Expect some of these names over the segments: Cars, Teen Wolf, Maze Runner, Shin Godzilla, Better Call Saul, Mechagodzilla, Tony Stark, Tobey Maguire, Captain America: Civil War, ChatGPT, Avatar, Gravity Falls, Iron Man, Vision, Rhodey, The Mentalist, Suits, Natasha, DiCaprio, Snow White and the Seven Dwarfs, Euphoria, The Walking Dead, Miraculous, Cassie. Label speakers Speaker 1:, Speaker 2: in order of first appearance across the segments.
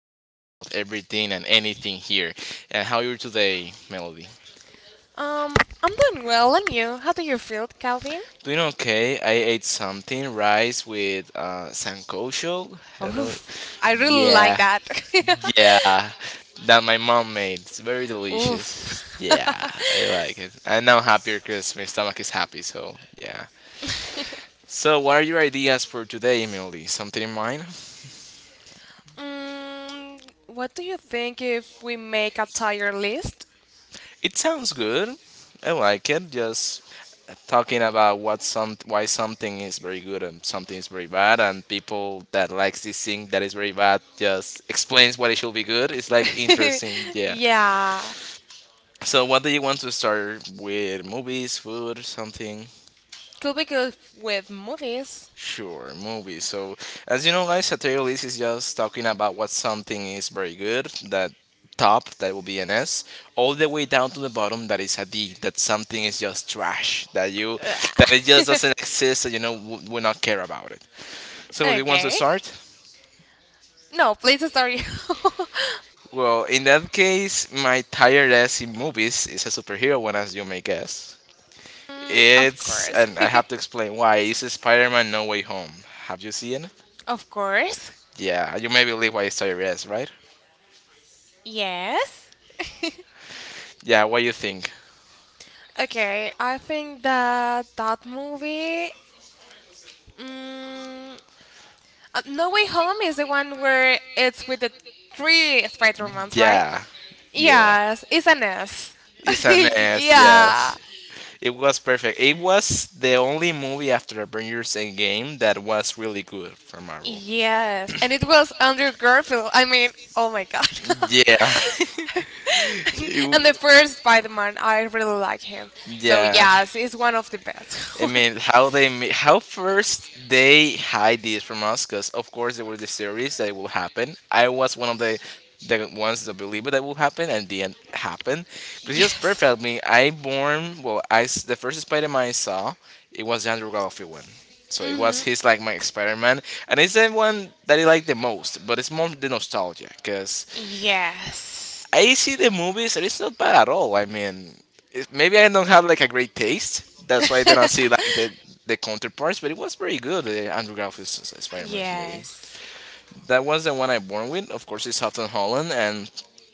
Speaker 1: talk about everything and anything here. And how are you today, Melody?
Speaker 2: Um, I'm doing well, and you? How do you feel, Calvin?
Speaker 1: Doing okay. I ate something rice with sancocho. I don't know.
Speaker 2: Oof, I really like
Speaker 1: Yeah,
Speaker 2: that.
Speaker 1: yeah, that my mom made. It's very
Speaker 2: Oof.
Speaker 1: delicious. Yeah, I like it. And now happier because my stomach is happy. So yeah. So, what are your ideas for today, Emily? Something in mind?
Speaker 2: mm, what do you think if we make a tier list?
Speaker 1: It sounds good. I like it. Just talking about what some why something is very good and something is very bad, and people that likes this thing that is very bad just explains why it should be good. It's like interesting, yeah.
Speaker 2: Yeah.
Speaker 1: So, what do you want to start with? Movies, food, something?
Speaker 2: Could we go with movies?
Speaker 1: Sure, movies. So, as you know, guys, a tier list is just talking about what something is very good, that top, that will be an S, all the way down to the bottom, that is a D, that something is just trash, that you, that it just doesn't exist, that you know, will not care about it. So, do you want to
Speaker 2: Okay.
Speaker 1: start?
Speaker 2: No, please start you.
Speaker 1: Well, in that case, my tier S in movies is a superhero one, as you may guess.
Speaker 2: Mm, of
Speaker 1: It's,
Speaker 2: course.
Speaker 1: and I have to explain why, it's Spider Man No Way Home. Have you seen it?
Speaker 2: Of course.
Speaker 1: Yeah, you may believe why it's tier S, right?
Speaker 2: Yes.
Speaker 1: Yeah, what you think?
Speaker 2: Okay, I think that that movie, mm, No Way Home is the one where it's with the three Spider-Mans, right?
Speaker 1: Yeah, yeah.
Speaker 2: Yes, it's an S.
Speaker 1: It's an S,
Speaker 2: Yeah.
Speaker 1: yes. It was perfect. It was the only movie after Avengers Endgame that was really good for Marvel.
Speaker 2: Yes, and it was Andrew Garfield. I mean, oh my god.
Speaker 1: Yeah. It w-
Speaker 2: And the first Spider-Man, I really like him. So
Speaker 1: yeah.
Speaker 2: yes, it's one of the best.
Speaker 1: I mean, how how first they hide this from us? Because of course there were the series that it will happen. I was one of the ones that believe it that will happen, and the end happened. But it's just
Speaker 2: Yes.
Speaker 1: perfect. I mean, I born well. The first Spider-Man I saw it was the Andrew Garfield one. So it was
Speaker 2: Hmm.
Speaker 1: his like my Spider-Man, and it's the one that I like the most. But it's more the nostalgia, because
Speaker 2: Yes.
Speaker 1: I see the movies, and it's not bad at all. I mean, it, maybe I don't have like a great taste. That's why I didn't see like the the counterparts, but it was very good. The Andrew Garfield's Spider-Man's movie.
Speaker 2: Yes.
Speaker 1: That was the one I born with. Of course, it's Houghton Holland and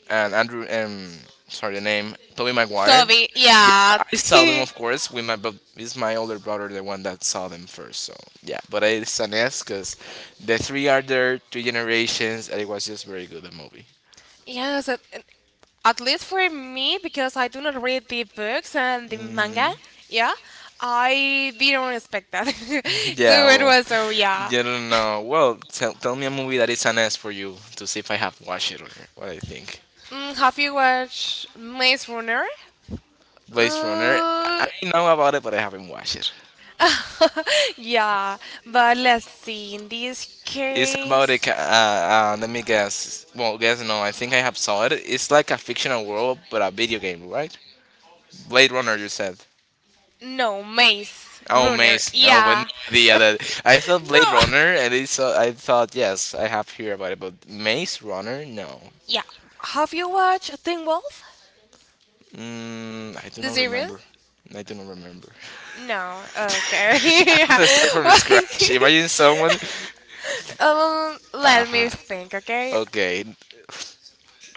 Speaker 1: and Andrew, sorry the name, Tobey Maguire.
Speaker 2: Toby,
Speaker 1: Yeah,
Speaker 2: yeah.
Speaker 1: I saw them of course with my but it's my older brother the one that saw them first. So yeah, but I it's an S because the three are there, three generations, and it was just very good the movie.
Speaker 2: Yes, at least for me, because I do not read the books and the manga,
Speaker 1: Mhm.
Speaker 2: yeah, I didn't expect that.
Speaker 1: Yeah,
Speaker 2: So it
Speaker 1: well,
Speaker 2: was, so yeah.
Speaker 1: you don't know. Well, tell, tell me a movie that is an S for you to see if I have watched it or what I think.
Speaker 2: Mm, have you watched Maze Runner?
Speaker 1: Blade Runner. I
Speaker 2: Uh,
Speaker 1: know about it, but I haven't watched it.
Speaker 2: yeah, but let's see, in this
Speaker 1: It's about a.
Speaker 2: case,
Speaker 1: Let me guess. Well, guess no. I think I have saw it. It's like a fictional world, but a video game, right? Blade Runner, you said.
Speaker 2: no, Maze
Speaker 1: Oh,
Speaker 2: Runner,
Speaker 1: Maze. Oh, but no,
Speaker 2: yeah.
Speaker 1: the other. I thought Blade
Speaker 2: No!
Speaker 1: Runner, and it's, I thought yes, I have heard about it, but Maze Runner, no.
Speaker 2: Yeah, have you watched Teen Wolf,
Speaker 1: Mm, I do
Speaker 2: the
Speaker 1: not
Speaker 2: series?
Speaker 1: remember. I do not remember.
Speaker 2: No, okay.
Speaker 1: I have
Speaker 2: Yeah.
Speaker 1: to start from scratch. Imagine someone.
Speaker 2: Let me
Speaker 1: Uh,
Speaker 2: think, okay?
Speaker 1: okay,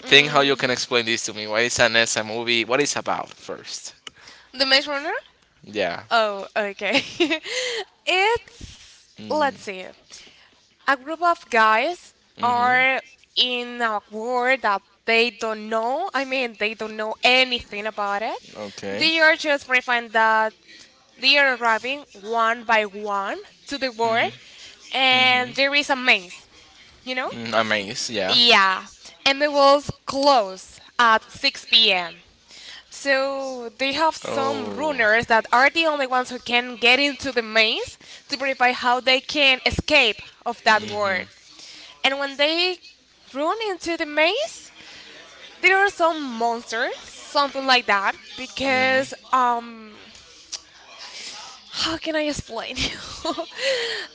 Speaker 1: think how you
Speaker 2: Mm,
Speaker 1: can explain this to me. What is an ESA movie? What it's about first?
Speaker 2: the Maze Runner?
Speaker 1: Yeah.
Speaker 2: Oh, okay. It's,
Speaker 1: Mm,
Speaker 2: let's see, a group of guys
Speaker 1: Mm-hmm.
Speaker 2: are in a world that they don't know. I mean, they don't know anything about it.
Speaker 1: Okay.
Speaker 2: They are just refined that they are arriving one by one to the world, and there is a maze, you know?
Speaker 1: Mm, amazed. Yeah.
Speaker 2: Yeah, and they will close at 6 p.m. So they have some
Speaker 1: Oh.
Speaker 2: runners that are the only ones who can get into the maze to verify how they can escape of that world. And when they run into the maze, there are some monsters, something like that, because how can I explain you?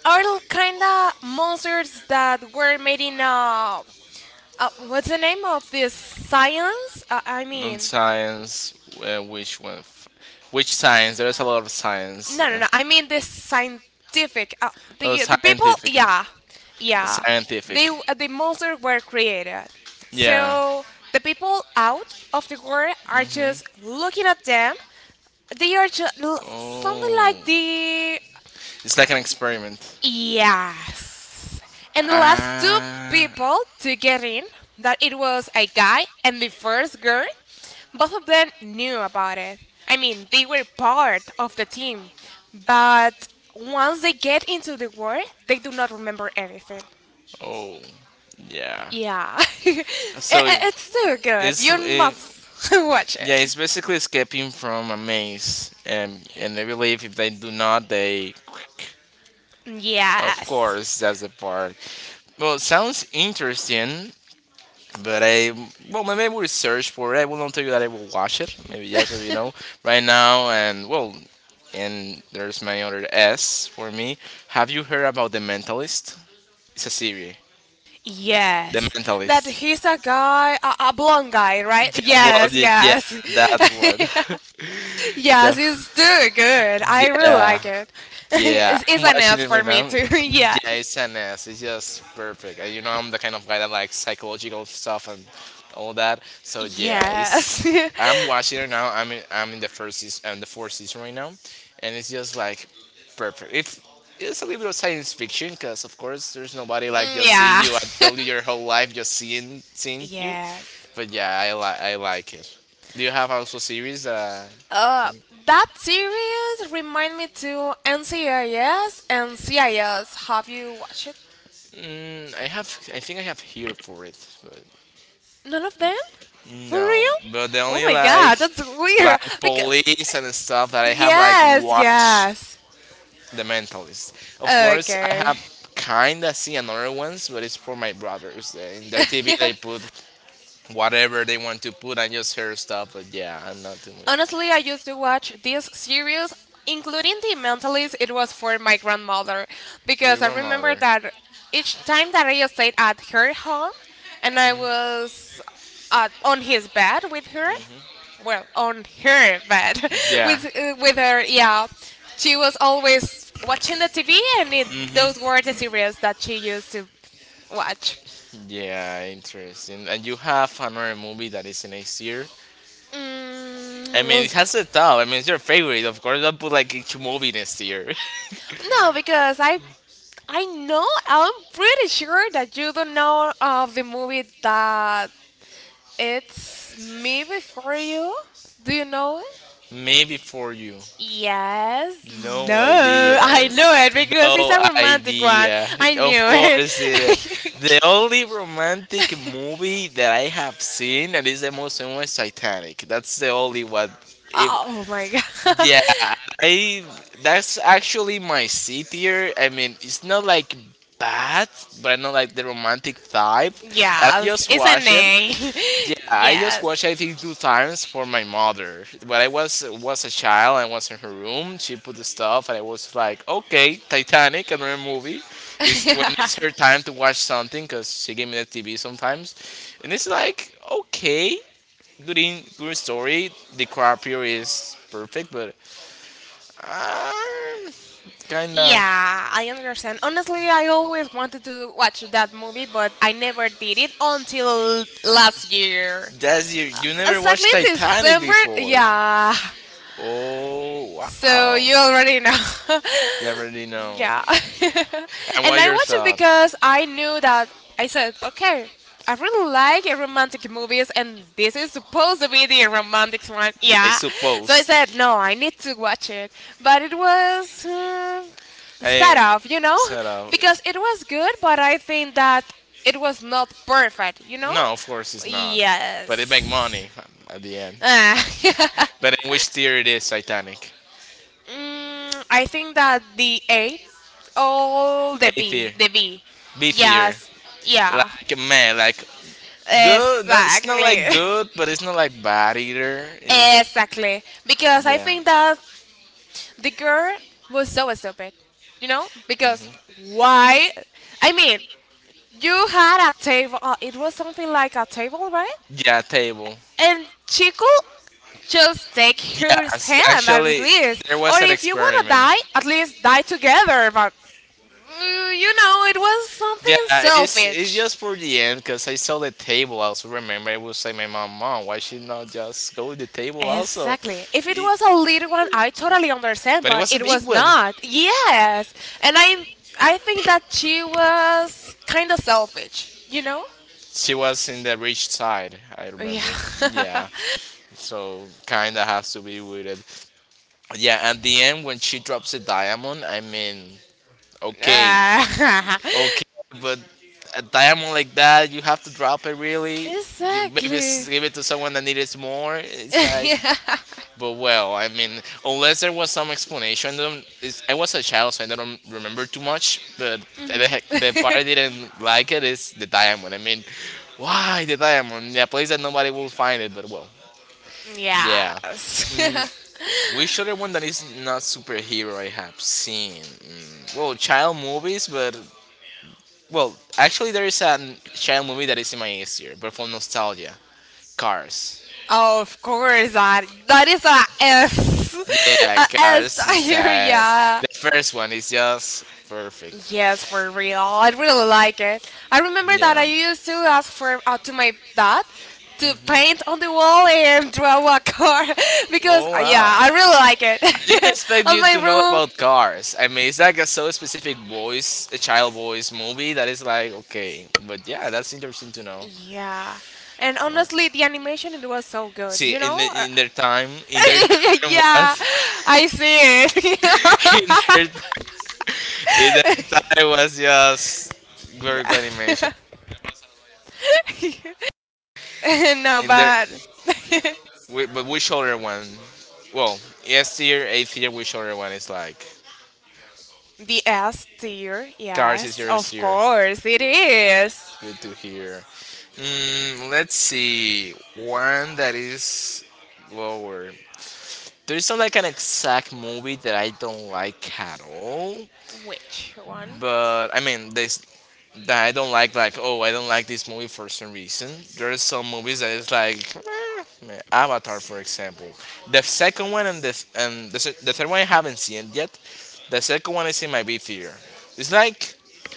Speaker 2: Are kind of monsters that were made in what's the name of this science? I
Speaker 1: On
Speaker 2: mean,
Speaker 1: science, which one? Which science? There's a lot of science.
Speaker 2: no, no, no. I mean this scientific.
Speaker 1: Oh,
Speaker 2: The people,
Speaker 1: scientific.
Speaker 2: yeah, yeah.
Speaker 1: Scientific.
Speaker 2: They the monsters were created,
Speaker 1: Yeah.
Speaker 2: so the people out of the world are
Speaker 1: Hmm.
Speaker 2: just looking at them. They are just something like
Speaker 1: Oh.
Speaker 2: the
Speaker 1: It's like an experiment.
Speaker 2: yes. And the last two
Speaker 1: Ah.
Speaker 2: people to get in, that it was a guy and the first girl, both of them knew about it. I mean, they were part of the team, but once they get into the war, they do not remember anything.
Speaker 1: Oh, yeah.
Speaker 2: Yeah.
Speaker 1: So it-
Speaker 2: It's so good.
Speaker 1: it's
Speaker 2: You
Speaker 1: it,
Speaker 2: must watch
Speaker 1: yeah,
Speaker 2: it.
Speaker 1: it's basically escaping from a maze, and I believe if they do not, they. Of
Speaker 2: Yes.
Speaker 1: course, that's the part. Well, it sounds interesting, but I well maybe we'll search for it. I will not tell you that I will watch it. Maybe yes, or you know, right now and well, and there's my other S for me. Have you heard about The Mentalist? It's a series. The
Speaker 2: Yes, that
Speaker 1: Mentalist.
Speaker 2: he's a guy, a blonde guy, right?
Speaker 1: Well,
Speaker 2: Yes,
Speaker 1: yeah,
Speaker 2: yes,
Speaker 1: that one.
Speaker 2: yes.
Speaker 1: Def-
Speaker 2: It's too good. I
Speaker 1: good.
Speaker 2: really
Speaker 1: Yeah.
Speaker 2: like it.
Speaker 1: Yeah, I'm
Speaker 2: It's an
Speaker 1: watching
Speaker 2: S
Speaker 1: it right
Speaker 2: for me
Speaker 1: now.
Speaker 2: too.
Speaker 1: Yeah, it's
Speaker 2: Yes,
Speaker 1: an ass. It's just perfect. And you know, I'm the kind of guy that likes psychological stuff and all that. So yeah,
Speaker 2: yes,
Speaker 1: it's. I'm watching it right now. I'm in the first season. I'm the fourth season right now, and it's just like perfect. If it's a little bit of science fiction, because of course there's nobody like
Speaker 2: Mm,
Speaker 1: just see
Speaker 2: yeah,
Speaker 1: you and tell you your whole life just seeing you.
Speaker 2: yes.
Speaker 1: But yeah, I like it. Do you have also series that?
Speaker 2: Uh, that series remind me to NCIS and CIS. Have you watched it?
Speaker 1: I have. I think I have here for it. But
Speaker 2: None of them? For
Speaker 1: No,
Speaker 2: real?
Speaker 1: but the
Speaker 2: Oh
Speaker 1: only
Speaker 2: my god, that's weird.
Speaker 1: like
Speaker 2: Because
Speaker 1: police and stuff that I have like
Speaker 2: yes,
Speaker 1: watched
Speaker 2: yes.
Speaker 1: The Mentalist. Of course, I
Speaker 2: Okay.
Speaker 1: have kinda seen another ones, but it's for my brothers. In their TV,
Speaker 2: Yeah.
Speaker 1: they put whatever they want to put and just hear stuff. But yeah, I'm not too much.
Speaker 2: Honestly, I used to watch this series, including The Mentalist, it was for my grandmother
Speaker 1: For your
Speaker 2: because I remember
Speaker 1: grandmother.
Speaker 2: that each time that I stayed at her home and I was on his bed with her, well, on her bed
Speaker 1: Yeah.
Speaker 2: with her, yeah, she was always watching the TV and it, those were the
Speaker 1: Mm-hmm.
Speaker 2: series that she used to watch.
Speaker 1: Yeah, interesting. And you have another movie that is next year. I mean,
Speaker 2: Mm,
Speaker 1: it has a top. I mean, it's your favorite, of course. Don't put like each movie next year.
Speaker 2: no, because I know. I'm pretty sure that you don't know of the movie that it's me before you. Do you know it?
Speaker 1: Maybe for you.
Speaker 2: Yes.
Speaker 1: No
Speaker 2: No,
Speaker 1: idea.
Speaker 2: I knew it because it's
Speaker 1: No
Speaker 2: a romantic one.
Speaker 1: idea.
Speaker 2: I
Speaker 1: Of
Speaker 2: knew it.
Speaker 1: course, it is. The only romantic movie that I have seen and is the most famous is Titanic. That's the only one. If
Speaker 2: Oh my god.
Speaker 1: Yeah, I that's actually my C tier. I mean, it's not like bad, but I not like the romantic type. And I
Speaker 2: Yes,
Speaker 1: just
Speaker 2: it's an
Speaker 1: watched it.
Speaker 2: A.
Speaker 1: Yeah, I just
Speaker 2: Yes.
Speaker 1: watched I think two times for my mother. When I was a child, I was in her room. She put the stuff, and I was like, okay, Titanic, another movie. It's when it's her time to watch something, cause she gave me the TV sometimes, and it's like okay, good in good story. DiCaprio is perfect, but uh, kinda.
Speaker 2: Yeah, I understand. Honestly, I always wanted to watch that movie, but I never did it until last year.
Speaker 1: That's you. You never
Speaker 2: Exactly
Speaker 1: watched
Speaker 2: in
Speaker 1: Titanic
Speaker 2: December.
Speaker 1: before.
Speaker 2: Yeah.
Speaker 1: Oh
Speaker 2: So
Speaker 1: wow.
Speaker 2: you already know.
Speaker 1: You already know.
Speaker 2: Yeah.
Speaker 1: And
Speaker 2: And
Speaker 1: what
Speaker 2: I
Speaker 1: your
Speaker 2: watched it
Speaker 1: thought?
Speaker 2: because I knew that I said, okay, I really like romantic movies and this is supposed to be the romantic one.
Speaker 1: Yeah, I
Speaker 2: Yeah. So I
Speaker 1: suppose.
Speaker 2: said, no, I need to watch it. But it was
Speaker 1: Hey,
Speaker 2: set off, you know?
Speaker 1: set up.
Speaker 2: Because it was good, but I think that it was not perfect, you know?
Speaker 1: No, of course it's not. But it make
Speaker 2: Yes.
Speaker 1: money, at the end.
Speaker 2: Ah.
Speaker 1: But in which tier it is Titanic?
Speaker 2: Mm, I think that the A all
Speaker 1: A tier,
Speaker 2: The B.
Speaker 1: B tier.
Speaker 2: Yes, yeah,
Speaker 1: Like man, like good. No, it's not like
Speaker 2: exactly,
Speaker 1: good, but it's not like bad either. It's-
Speaker 2: exactly. Because I
Speaker 1: yeah.
Speaker 2: think that the girl was so stupid, you know. Because why? I mean, you had a table. It was something like a table, right?
Speaker 1: Yeah, table.
Speaker 2: And Chico just take her
Speaker 1: Yes,
Speaker 2: hand at
Speaker 1: actually,
Speaker 2: least,
Speaker 1: there was
Speaker 2: or
Speaker 1: an
Speaker 2: if you wanna
Speaker 1: experiment.
Speaker 2: die, at least die together. But you know, it was
Speaker 1: Yeah,
Speaker 2: something
Speaker 1: it's
Speaker 2: selfish.
Speaker 1: just for the end because I saw the table. Also, remember, I would say my mom, why she not just go with the table also?
Speaker 2: Exactly. If it
Speaker 1: It-
Speaker 2: was a little one, I totally understand,
Speaker 1: but it
Speaker 2: but
Speaker 1: was a
Speaker 2: it
Speaker 1: big
Speaker 2: was
Speaker 1: one.
Speaker 2: not. Yes. And I think that she was kind of selfish, you know?
Speaker 1: She was in the rich side, I
Speaker 2: Yeah.
Speaker 1: remember. Yeah, so kinda has to be with it. Yeah, at the end when she drops a diamond, I mean, okay,
Speaker 2: Ah.
Speaker 1: okay, but a diamond like that, you have to drop it really. You maybe
Speaker 2: Exactly.
Speaker 1: give it to someone that needs more. It's like
Speaker 2: Yeah.
Speaker 1: but well, I mean, unless there was some explanation, I, don't, it's, I was a child, so I don't remember too much. But
Speaker 2: Mhm.
Speaker 1: the part I didn't like it is the diamond. I mean, why the diamond? A place that nobody will find it. But well, yeah.
Speaker 2: Yes.
Speaker 1: Which other one that is not superhero I have seen? Well, child movies, but well, actually there is a child movie that is in my year, but for nostalgia. Cars.
Speaker 2: Of course, that that is a S,
Speaker 1: Yeah,
Speaker 2: a
Speaker 1: Cars
Speaker 2: S here.
Speaker 1: Styles.
Speaker 2: Yeah,
Speaker 1: The first one is just perfect.
Speaker 2: yes, for real. I really like it. I remember that I
Speaker 1: Yeah.
Speaker 2: used to ask for to my dad to paint on the wall and draw a car because
Speaker 1: Oh wow!
Speaker 2: yeah, I really like it
Speaker 1: I didn't expect
Speaker 2: on
Speaker 1: you
Speaker 2: my
Speaker 1: to know
Speaker 2: room.
Speaker 1: about Cars. I mean, it's like a so specific voice, a child voice movie that is like okay, but yeah, that's interesting to know.
Speaker 2: Yeah, and honestly, the animation it was so good.
Speaker 1: See,
Speaker 2: You
Speaker 1: in
Speaker 2: know?
Speaker 1: in their time, in their time
Speaker 2: Yeah,
Speaker 1: was
Speaker 2: I see it.
Speaker 1: in their in their time was just very good animation.
Speaker 2: Yeah. No,
Speaker 1: In their
Speaker 2: but
Speaker 1: We, but which other one? Well, S tier, A tier. Which other one is like?
Speaker 2: the S tier.
Speaker 1: Cars is
Speaker 2: Yes,
Speaker 1: your S
Speaker 2: of
Speaker 1: tier.
Speaker 2: course it is.
Speaker 1: Good to hear. Let's see. One that is lower. There's not like an exact movie that I don't like at all,
Speaker 2: Which one?
Speaker 1: but I mean, this that I don't like. Like, oh, I don't like this movie for some reason. There are some movies that is like eh, man, Avatar, for example. The second one and the third one I haven't seen yet. The second one is in my B tier. It's like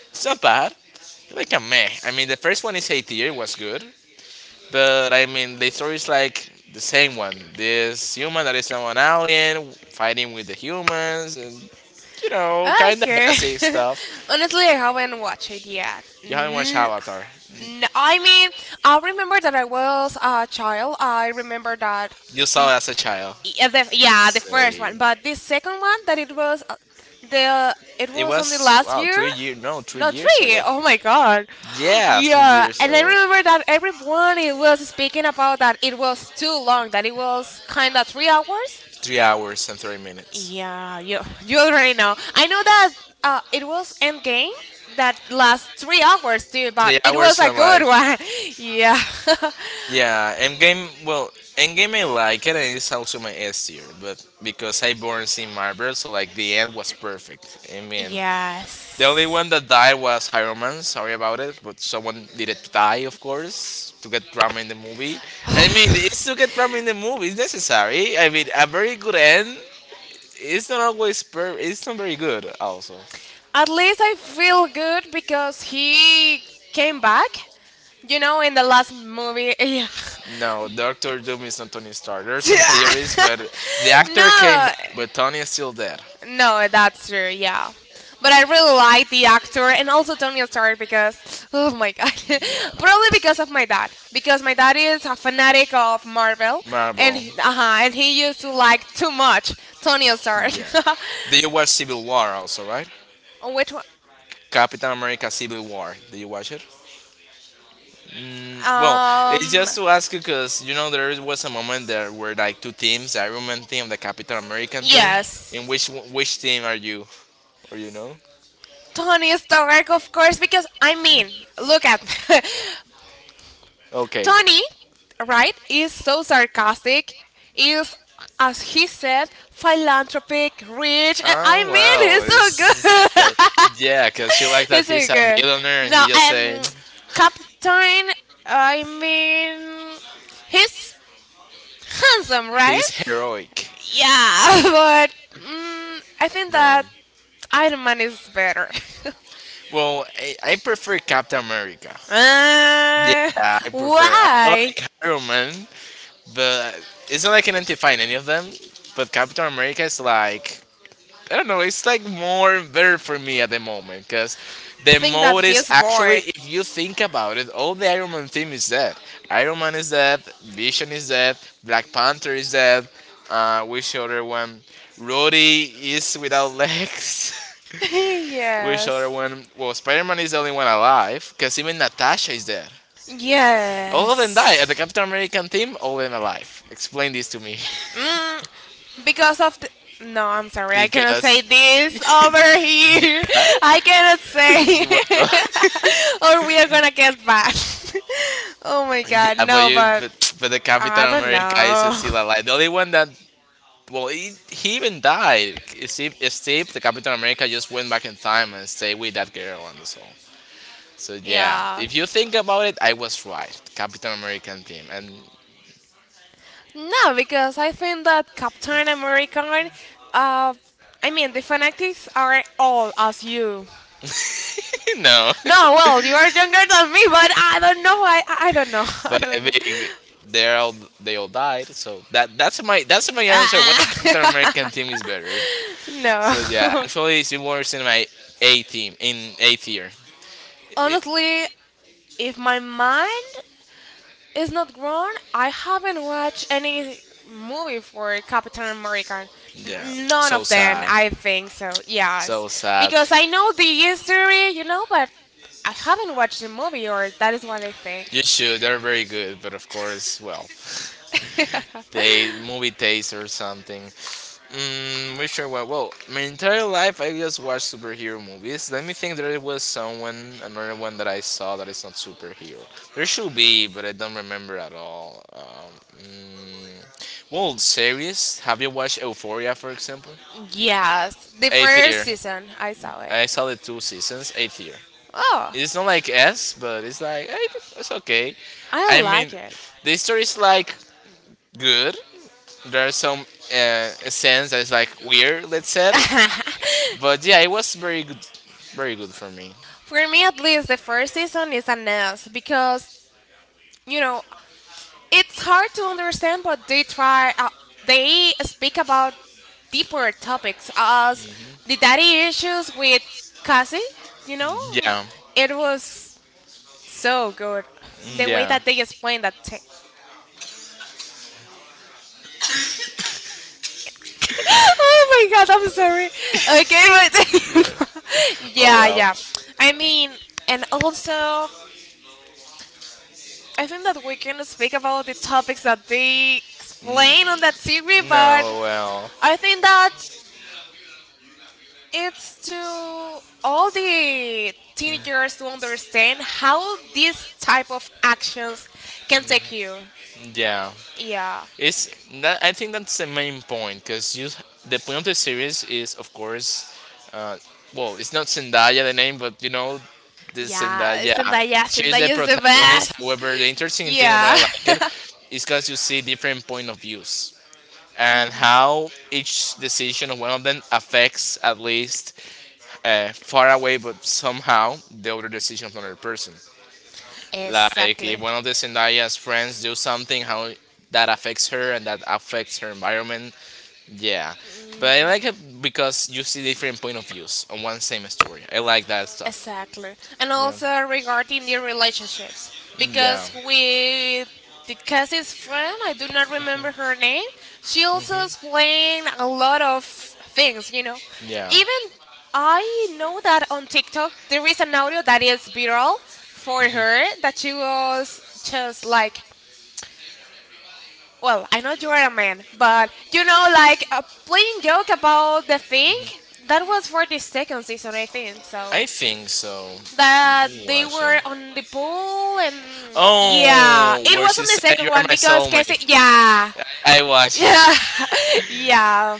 Speaker 1: it's not bad. It's like a meh. I mean, the first one is A tier. It was good, but I mean, the story is like the same one. This human that is now an alien fighting with the humans and. You know, kind of
Speaker 2: Okay.
Speaker 1: basic stuff.
Speaker 2: Honestly, I haven't watched it yet.
Speaker 1: You haven't watched Avatar.
Speaker 2: I mean, I remember that I was a child. I remember that.
Speaker 1: You saw as a child.
Speaker 2: Yeah, the first
Speaker 1: Same.
Speaker 2: one, but the second one that it was the it
Speaker 1: It
Speaker 2: was only
Speaker 1: was
Speaker 2: last
Speaker 1: wow,
Speaker 2: year.
Speaker 1: 3 year No, three
Speaker 2: No,
Speaker 1: years
Speaker 2: three.
Speaker 1: ago.
Speaker 2: Oh my god.
Speaker 1: Yeah, three
Speaker 2: Yeah,
Speaker 1: years
Speaker 2: and I
Speaker 1: ago.
Speaker 2: remember that everyone it was speaking about that it was too long, that it was kind of 3 hours.
Speaker 1: 3 hours and 30 minutes.
Speaker 2: Yeah, you you already know. I know that it was Endgame that last 3 hours too, but
Speaker 1: Three
Speaker 2: it was
Speaker 1: hours
Speaker 2: a
Speaker 1: and
Speaker 2: good
Speaker 1: like,
Speaker 2: one. Yeah.
Speaker 1: yeah, Endgame. Well, Endgame I like it, and it's also my S tier. But because I born in Marvel, so like the end was perfect. I mean, the only
Speaker 2: Yes.
Speaker 1: one that died was Iron Man. Sorry about it, but someone needed to die, of course, to get drama in the movie. I mean, it's to get drama in the movie. It's necessary. I mean, a very good end. It's not always per. It's not very good. Also,
Speaker 2: At least I feel good because he came back. You know, in the last movie. Yeah.
Speaker 1: no, Doctor Doom is not Tony Stark. There's some theories, but the actor came
Speaker 2: No.
Speaker 1: back, but Tony is still dead.
Speaker 2: No, that's true. Yeah, but I really like the actor and also Tony Stark because oh my god,
Speaker 1: Yeah,
Speaker 2: probably because of my dad because my dad is a fanatic of Marvel and
Speaker 1: Marvel.
Speaker 2: uh-huh, and he used to like too much Tony Stark.
Speaker 1: Yeah. Do you watch Civil War also, right?
Speaker 2: Which one?
Speaker 1: Captain America: Civil War. Did you watch it? Mm, well, it's
Speaker 2: Um,
Speaker 1: just to ask you because you know there was a moment there were like two teams: the Iron Man team, the Captain American team.
Speaker 2: yes,
Speaker 1: In which which team are you? Or you know?
Speaker 2: Tony Stark, of course, because I mean, look at
Speaker 1: Okay.
Speaker 2: Tony, right, is so sarcastic, is, as he said, philanthropic, rich, and I
Speaker 1: Oh
Speaker 2: mean,
Speaker 1: well,
Speaker 2: he's so
Speaker 1: it's
Speaker 2: good.
Speaker 1: like, yeah, because you like that
Speaker 2: He's so
Speaker 1: he's a
Speaker 2: good.
Speaker 1: billionaire and
Speaker 2: No,
Speaker 1: you just saying
Speaker 2: and Captain, I mean, he's handsome, right?
Speaker 1: he's heroic.
Speaker 2: Yeah, but I think that Iron Man is better.
Speaker 1: Well, I prefer Captain America.
Speaker 2: Uh,
Speaker 1: Yeah, I prefer. I
Speaker 2: why?
Speaker 1: like Iron Man, but it's not like I can't find any of them. But Captain America is like, I don't know. It's like more better for me at the moment because
Speaker 2: I
Speaker 1: the
Speaker 2: think that
Speaker 1: mode is
Speaker 2: he's
Speaker 1: actually,
Speaker 2: bored.
Speaker 1: if you think about it, all the Iron Man team is dead. Iron Man is dead. Vision is dead. Black Panther is dead. Which other one? Rhodey is without legs. Which other
Speaker 2: Yes.
Speaker 1: one? Well, Spider Man is the only one alive because even Natasha is dead. All of them
Speaker 2: Yes.
Speaker 1: die, and the Captain American team, all of them alive. Explain this to me,
Speaker 2: Mm, because of the. No, I'm sorry. I cannot say
Speaker 1: because
Speaker 2: this over here. I cannot say.
Speaker 1: you will
Speaker 2: Or we are gonna get banned. Oh my god.
Speaker 1: yeah, but
Speaker 2: No,
Speaker 1: you,
Speaker 2: but.
Speaker 1: but, but the Captain
Speaker 2: I don't
Speaker 1: America is
Speaker 2: know.
Speaker 1: still alive. The only one that, well, he even died. Steve, the Captain America, just went back in time and stayed with that girl and so. So yeah,
Speaker 2: Yeah.
Speaker 1: if you think about it, I was right. Captain American team, and
Speaker 2: No, because I think that Captain America, uh, I mean, the fanatics are all as you.
Speaker 1: no.
Speaker 2: No, well, you are younger than me, but I don't know. I don't know. I
Speaker 1: But I
Speaker 2: don't know.
Speaker 1: mean, they're all they all died. So that's my answer. Why the Captain
Speaker 2: Ah,
Speaker 1: American team is better?
Speaker 2: no.
Speaker 1: So yeah, actually, it's worse in my A team in A tier. It-
Speaker 2: Honestly, if my mind is not grown, I haven't watched any movie for Captain America.
Speaker 1: yeah,
Speaker 2: None
Speaker 1: so
Speaker 2: of them,
Speaker 1: sad,
Speaker 2: I think so. Yes,
Speaker 1: so sad.
Speaker 2: because I know the history, you know, but I haven't watched the movie, or that is what I think.
Speaker 1: You should. They're very good, but of course, well. Movie taste or something. Mm, which are what? Well, my entire life I just watched superhero movies. Let me think. There was someone, another one that I saw that is not superhero. There should be, but I don't remember at all. Mm, well, series. Have you watched Euphoria, for example?
Speaker 2: Yes, the
Speaker 1: Eighth
Speaker 2: first
Speaker 1: year.
Speaker 2: season I saw it.
Speaker 1: I saw the two seasons. Eighth year.
Speaker 2: Oh.
Speaker 1: It's not like S, but it's like, it's okay.
Speaker 2: I
Speaker 1: I
Speaker 2: like
Speaker 1: mean,
Speaker 2: it.
Speaker 1: the story is like good, there are some scenes that's like weird, let's say. But yeah, it was very good, very good for me.
Speaker 2: For me, at least, the first season is a mess because you know it's hard to understand, but they try. They speak about deeper topics as the daddy
Speaker 1: hmm
Speaker 2: issues with Cassie. You know,
Speaker 1: Yeah,
Speaker 2: it was so good
Speaker 1: mm,
Speaker 2: the way
Speaker 1: yeah.
Speaker 2: that they explained that. Thing. Oh my god, I'm sorry. Okay, but
Speaker 1: Oh
Speaker 2: yeah,
Speaker 1: well.
Speaker 2: yeah. I mean, and also I think that we can speak about the topics that they explain on
Speaker 1: Mm,
Speaker 2: that series, but
Speaker 1: no, well,
Speaker 2: I think that it's to all the teenagers to understand how these type of actions can take you.
Speaker 1: yeah.
Speaker 2: Yeah.
Speaker 1: It's that I think that's the main point because you the point of the series is, of course, uh, well, it's not Zendaya the name, but you know, the
Speaker 2: Yeah,
Speaker 1: Zendaya.
Speaker 2: Zendaya,
Speaker 1: She is the
Speaker 2: Zendaya is the
Speaker 1: protagonist.
Speaker 2: best.
Speaker 1: However, the interesting thing and why
Speaker 2: Yeah.
Speaker 1: I like it is because you see different point of views and how each decision of one of them affects at least, far away, but somehow the other decision of another person. Like if
Speaker 2: Exactly.
Speaker 1: one of the Zendaya's friends do something, how that affects her and that affects her environment. Yeah, but I like it because you see different point of views on one same story. I like that stuff.
Speaker 2: Exactly. And
Speaker 1: Yeah.
Speaker 2: also regarding the relationships,
Speaker 1: Mm, yeah.
Speaker 2: because with the Cassie's friend, I do not remember her name, she also explained a lot of things, you know.
Speaker 1: Yeah.
Speaker 2: Even I know that on TikTok there is an audio that is viral for
Speaker 1: Mm-hmm.
Speaker 2: her that she was just like, well, I know you are a man, but you know, like a plain joke about the thing. That was for the second season, I think, so
Speaker 1: I think so.
Speaker 2: that
Speaker 1: Who
Speaker 2: they
Speaker 1: was it?
Speaker 2: were on the pool and yeah,
Speaker 1: Oh,
Speaker 2: it
Speaker 1: where
Speaker 2: was
Speaker 1: she
Speaker 2: on the
Speaker 1: said
Speaker 2: second
Speaker 1: you are
Speaker 2: one
Speaker 1: my
Speaker 2: because Casey,
Speaker 1: soulmate.
Speaker 2: yeah,
Speaker 1: I watched.
Speaker 2: yeah, yeah.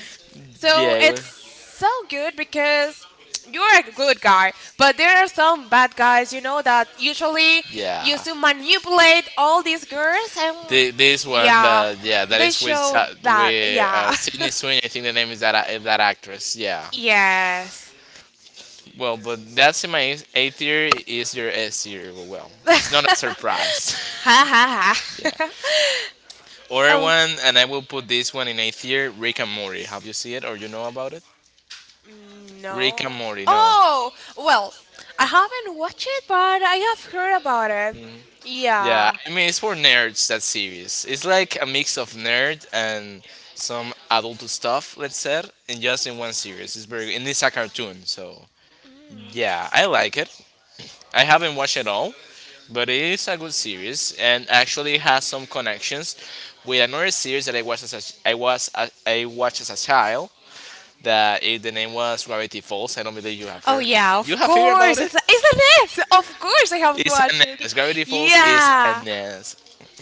Speaker 2: So
Speaker 1: Yeah, it
Speaker 2: it's
Speaker 1: was.
Speaker 2: so good because you're a good guy, but there are some bad guys, you know, that usually
Speaker 1: Yeah.
Speaker 2: used to manipulate all these girls and
Speaker 1: This one,
Speaker 2: yeah,
Speaker 1: that, yeah, that
Speaker 2: they
Speaker 1: is with
Speaker 2: showed that,
Speaker 1: With
Speaker 2: yeah,
Speaker 1: Sydney Sweeney. I think the name is that, that actress. Yeah.
Speaker 2: yes.
Speaker 1: Well, but that's in my A tier. Is your S tier? Well, well, it's not a surprise.
Speaker 2: Ha ha
Speaker 1: Yeah. Other
Speaker 2: ha.
Speaker 1: one, and I will put this one in eighth year. Rick and Morty. Have you seen it or you know about it? Rick and
Speaker 2: No.
Speaker 1: Morty. No.
Speaker 2: Oh, well, I haven't watched it, but I have heard about it.
Speaker 1: Yeah,
Speaker 2: Yeah.
Speaker 1: I mean it's for nerds. That series. It's like a mix of nerd and some adult stuff. Let's say, and just in one series. It's very, and it's a cartoon. So yeah, I like it. I haven't watched it all, but it is a good series and actually has some connections with another series that I watched as a child, that if the name was Gravity Falls, I don't believe you have
Speaker 2: Oh
Speaker 1: heard.
Speaker 2: yeah,
Speaker 1: You
Speaker 2: of
Speaker 1: have heard about
Speaker 2: course.
Speaker 1: it?
Speaker 2: It's isn't it? Of course, I have
Speaker 1: It's a
Speaker 2: watched it.
Speaker 1: NES. Gravity Falls is a
Speaker 2: Yeah,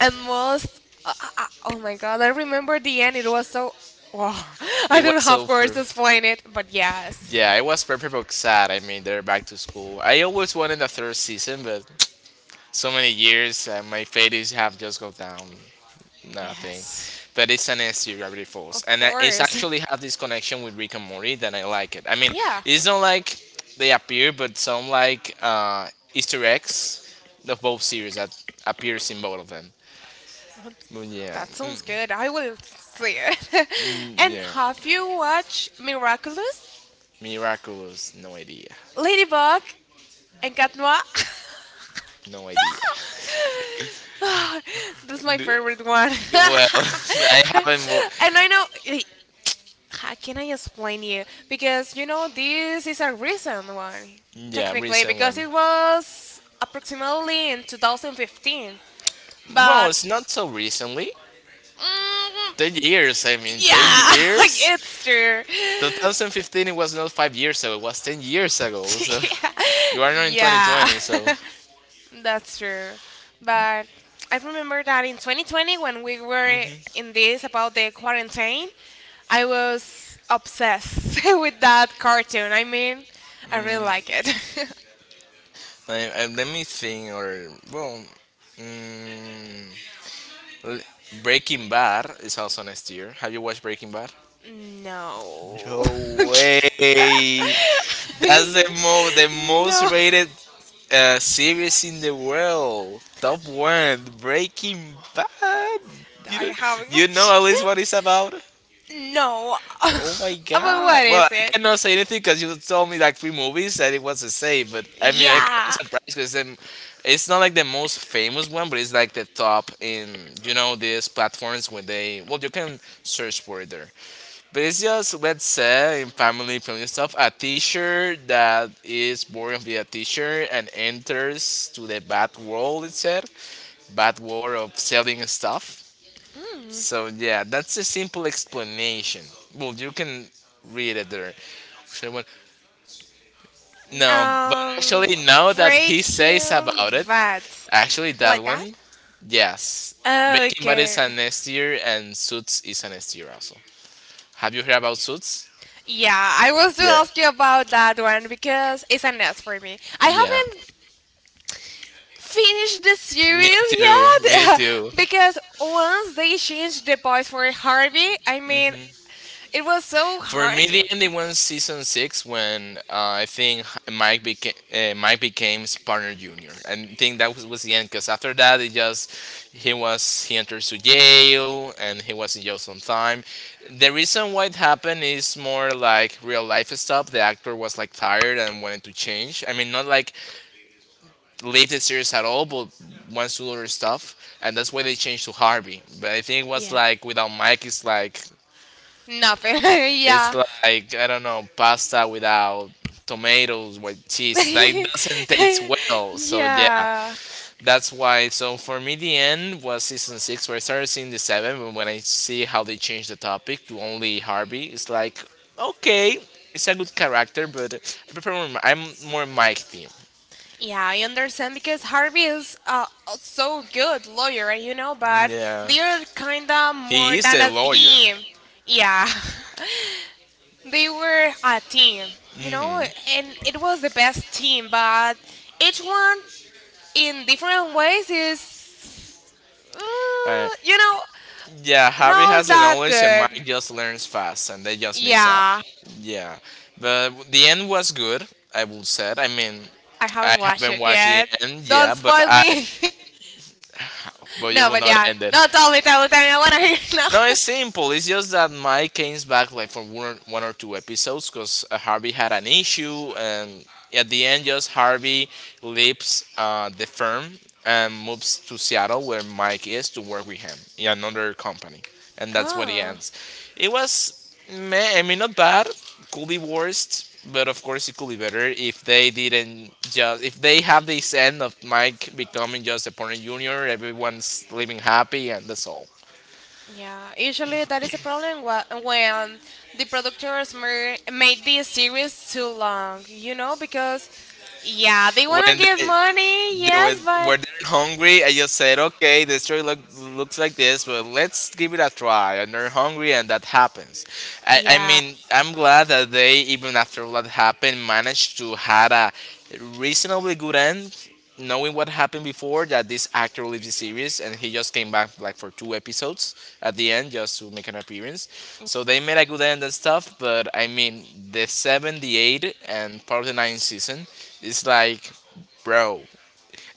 Speaker 2: and most. Oh my god, I remember the end. It was so. Wow, I
Speaker 1: It was
Speaker 2: don't have words to explain it, but yes,
Speaker 1: yeah, it was perfect but sad. I mean, they're back to school. I always wanted the third season, but so many years, and my fate is have just go down. Nothing.
Speaker 2: yes,
Speaker 1: But it's an SC Gravity
Speaker 2: of
Speaker 1: Falls, and it's
Speaker 2: course.
Speaker 1: actually have this connection with Rick and Morty that I like it. I mean,
Speaker 2: Yeah,
Speaker 1: it's not like they appear, but some like, Easter eggs of both series that appears in both of them. But yeah,
Speaker 2: that sounds good. I will see it.
Speaker 1: mm,
Speaker 2: And
Speaker 1: yeah.
Speaker 2: have you watched Miraculous?
Speaker 1: Miraculous, no idea,
Speaker 2: Ladybug and Cat Noir.
Speaker 1: no idea.
Speaker 2: That's my
Speaker 1: Do-
Speaker 2: favorite one.
Speaker 1: well, I haven't.
Speaker 2: And I know. How can I explain you? Because you know this is a recent one,
Speaker 1: Yeah,
Speaker 2: technically,
Speaker 1: recent one.
Speaker 2: because it was approximately in 2015.
Speaker 1: Well,
Speaker 2: But
Speaker 1: it's not so recently. 10
Speaker 2: mm,
Speaker 1: years. I mean, 10
Speaker 2: yeah,
Speaker 1: years?
Speaker 2: it's true.
Speaker 1: 2015, it was not 5 years ago, it was 10 years ago. So
Speaker 2: Yeah.
Speaker 1: you are not in
Speaker 2: Yeah.
Speaker 1: 2020, so
Speaker 2: That's true. But I remember that in 2020, when we were in this about the quarantine, I was obsessed with that cartoon. I mean, I really like it.
Speaker 1: I, let me think. Or, well, mm, l- Breaking Bad is also next year. Have you watched Breaking Bad?
Speaker 2: No.
Speaker 1: No way! That's the most
Speaker 2: No,
Speaker 1: rated, series in the world. Top one, Breaking Bad. You
Speaker 2: I
Speaker 1: know,
Speaker 2: haven't
Speaker 1: you know
Speaker 2: watched
Speaker 1: at least what it's about.
Speaker 2: it. No.
Speaker 1: Oh my
Speaker 2: But
Speaker 1: god.
Speaker 2: what is
Speaker 1: Well, I
Speaker 2: it?
Speaker 1: cannot say anything because you told me like three movies that it was the same. But I mean, I kind of
Speaker 2: Yeah.
Speaker 1: surprised because it's not like the most famous one, but it's like the top in, you know, these platforms where they, well, you can search for it there. But it's just, let's say in family friendly stuff, a teacher that is born of a teacher and enters to the bad world. It said bad world of selling stuff.
Speaker 2: Mm.
Speaker 1: So yeah, that's a simple explanation. Well, you can read it there. Should one- No, but
Speaker 2: Um,
Speaker 1: actually, now that he says
Speaker 2: Breaking
Speaker 1: about it,
Speaker 2: Bad.
Speaker 1: actually that
Speaker 2: Like that?
Speaker 1: one, yes, Breaking Bad is
Speaker 2: Okay.
Speaker 1: an S tier, and Suits is an S tier also. Have you heard about Suits?
Speaker 2: Yeah, I was to
Speaker 1: Yeah,
Speaker 2: ask you about that one because it's a mess for me. I
Speaker 1: yeah.
Speaker 2: haven't finished the
Speaker 1: Me
Speaker 2: series
Speaker 1: too. Me
Speaker 2: yet
Speaker 1: too.
Speaker 2: because once they changed the voice for Harvey, I mean,
Speaker 1: Hmm.
Speaker 2: it was so
Speaker 1: For
Speaker 2: hard.
Speaker 1: me,
Speaker 2: To...
Speaker 1: the ending was season six when, I think Mike became partner junior. And I think that was the end because after that, it just he was he enters to jail and he was in jail some time. The reason why it happened is more like real life stuff. The actor was like tired and wanted to change. I mean, not like leave the series at all, but wants to do other stuff, and that's why they changed to Harvey. But I think it was
Speaker 2: Yeah.
Speaker 1: like, without Mike, it's like
Speaker 2: Nothing.
Speaker 1: it's
Speaker 2: Yeah.
Speaker 1: like I don't know, pasta without tomatoes with cheese. Like it doesn't taste well. So yeah,
Speaker 2: Yeah.
Speaker 1: that's why. So for me, the end was season six, where I started seeing the seven. But when I see how they changed the topic to only Harvey, it's like, okay, it's a good character, but I prefer more, I'm more Mike team.
Speaker 2: Yeah, I understand because Harvey is so good lawyer, you know, but
Speaker 1: Yeah,
Speaker 2: they're kinda more
Speaker 1: he is
Speaker 2: than
Speaker 1: the
Speaker 2: a
Speaker 1: lawyer.
Speaker 2: team. Yeah. They were a team, you
Speaker 1: Mm-hmm.
Speaker 2: know, and it was the best team, but each one in different ways is,
Speaker 1: Uh,
Speaker 2: uh, you know,
Speaker 1: Yeah, Harry
Speaker 2: not
Speaker 1: has the
Speaker 2: that
Speaker 1: knowledge and
Speaker 2: good.
Speaker 1: Mike just learns fast and they just mix up.
Speaker 2: Yeah,
Speaker 1: Yeah. But the end was good, I would say. I mean,
Speaker 2: I
Speaker 1: I
Speaker 2: haven't watched
Speaker 1: haven't
Speaker 2: it
Speaker 1: watched the
Speaker 2: yet.
Speaker 1: end,
Speaker 2: Don't
Speaker 1: yeah,
Speaker 2: spoil me.
Speaker 1: but you
Speaker 2: No,
Speaker 1: will
Speaker 2: but
Speaker 1: not
Speaker 2: yeah.
Speaker 1: end it.
Speaker 2: No, tell me, tell me, tell me. I want to hear it
Speaker 1: No,
Speaker 2: now.
Speaker 1: it's simple. It's just that Mike came back like for one, one or two episodes because, Harvey had an issue, and at the end, just Harvey leaves, the firm and moves to Seattle, where Mike is, to work with him in another company, and that's where it
Speaker 2: Oh.
Speaker 1: ends. It was, meh, I mean, not bad. Could be worse, but of course, it could be better if they didn't just, if they have this end of Mike becoming just a porn junior, everyone's living happy, and that's all.
Speaker 2: Yeah, usually that is a problem when the made this series too long, you know, because yeah, they want to
Speaker 1: When
Speaker 2: give money,
Speaker 1: they were,
Speaker 2: yes, but
Speaker 1: were they hungry. I just said, okay, the story looks like this, but let's give it a try. And they're hungry, and that happens. I, I
Speaker 2: yeah.
Speaker 1: mean, I'm glad that they, even after what happened, managed to had a reasonably good end. Knowing what happened before, that this actor leaves the series, and he just came back like for two episodes at the end just to make an appearance. So they made a good end and stuff, but the seven, the eight, and part of the nine season is like, bro.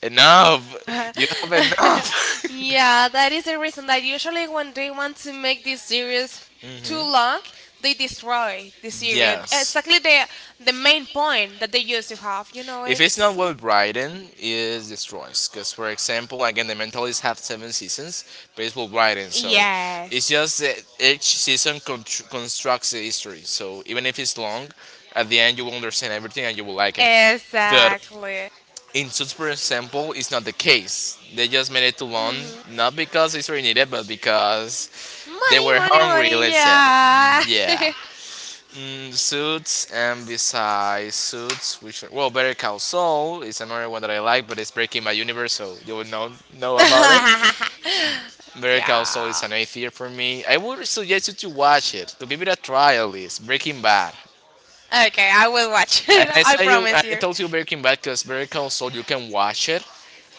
Speaker 1: Enough. You have enough.
Speaker 2: Yeah, that is the reason that usually when they want to make this series too long, they destroy the series.
Speaker 1: Yes.
Speaker 2: Exactly the main point that they used to have, you know,
Speaker 1: If it's not
Speaker 2: it's
Speaker 1: well written, it destroys. Because, for example, again, the Mentalist have seven seasons, but it's well written. So it's
Speaker 2: yes.
Speaker 1: just that each constructs the history. So even if it's long, at the end you will understand everything and you will like it. But
Speaker 2: Exactly.
Speaker 1: in Suits, for example, it's not the case. They just made it too long,
Speaker 2: Mm-hmm.
Speaker 1: not because it's really needed, but because they
Speaker 2: Money,
Speaker 1: were
Speaker 2: money,
Speaker 1: hungry,
Speaker 2: money,
Speaker 1: let's say.
Speaker 2: yeah.
Speaker 1: Yeah. Suits, and besides Suits, which are, well, Better Call Saul is another one that I like, but it's breaking my universe, so you would not know about it. Better Call Saul is
Speaker 2: Yeah.
Speaker 1: an A-tier for me. I would suggest you to watch it, to give it a try at least. Breaking Bad.
Speaker 2: Okay, I will watch
Speaker 1: And
Speaker 2: it.
Speaker 1: I
Speaker 2: I
Speaker 1: saw you,
Speaker 2: promise
Speaker 1: I
Speaker 2: you.
Speaker 1: told you Breaking Bad because Better Call Saul, you can watch it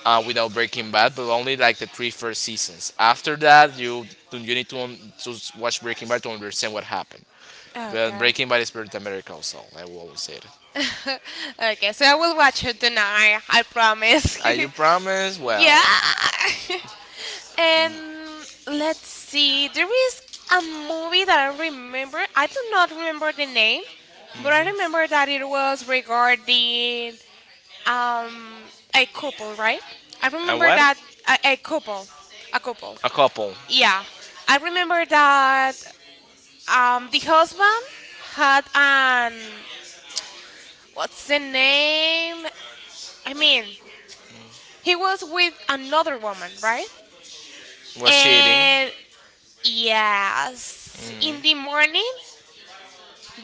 Speaker 1: without Breaking Bad, but only like the three first seasons. After that, you need to, watch Breaking Bad to understand what happened. But
Speaker 2: Okay.
Speaker 1: Breaking Bad is better than America, also. I will always say it.
Speaker 2: Okay, so I will watch it tonight. I promise.
Speaker 1: Are you promised? Well,
Speaker 2: Yeah. And let's see. There is a movie that I remember. I do not remember the name, but I remember that it was regarding um a couple, right? I
Speaker 1: a
Speaker 2: remember
Speaker 1: what?
Speaker 2: that a couple, a couple.
Speaker 1: A couple
Speaker 2: Yeah, I remember that the husband had an what's the name? I mean, he was with another woman, right?
Speaker 1: was cheating.
Speaker 2: And yes, in the morning,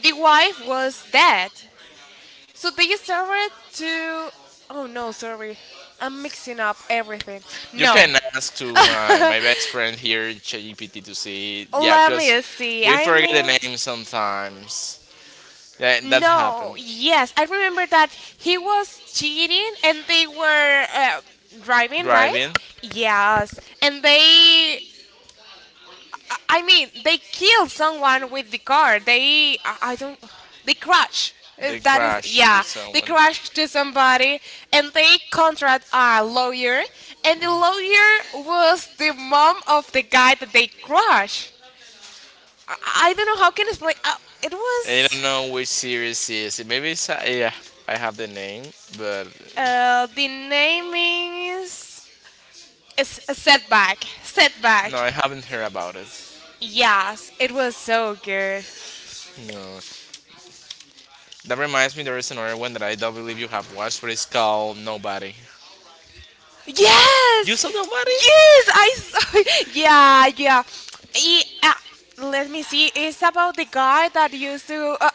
Speaker 2: the wife was dead. So they started to. Oh no, sorry. I'm mixing up everything.
Speaker 1: You
Speaker 2: No.
Speaker 1: can ask to my best friend here, ChatGPT, to see. Yeah,
Speaker 2: Let
Speaker 1: because
Speaker 2: me see.
Speaker 1: we
Speaker 2: I
Speaker 1: forget
Speaker 2: mean,
Speaker 1: the name sometimes. Yeah, that
Speaker 2: no.
Speaker 1: happened.
Speaker 2: Yes, I remember that he was cheating and they were driving, right?
Speaker 1: Driving,
Speaker 2: Yes. And they I mean, they kill someone with the car. They, I don't, they crash.
Speaker 1: they
Speaker 2: That is,
Speaker 1: crash
Speaker 2: yeah,
Speaker 1: with
Speaker 2: they
Speaker 1: someone.
Speaker 2: crash to somebody and they contract a lawyer, and the lawyer was the mom of the guy that they crash. I, I don't know how can I explain. It
Speaker 1: I
Speaker 2: was,
Speaker 1: don't know which series it is. Maybe it's yeah, I have the name, but
Speaker 2: the name is a setback.
Speaker 1: no,
Speaker 2: Setback.
Speaker 1: I haven't heard about it.
Speaker 2: Yes, it was so good.
Speaker 1: No, that reminds me. There is another one that I don't believe you have watched, but it's called Nobody.
Speaker 2: Yes!
Speaker 1: You saw Nobody?
Speaker 2: Yes! I saw yeah, yeah. E- uh, let me see. It's about the guy that used to.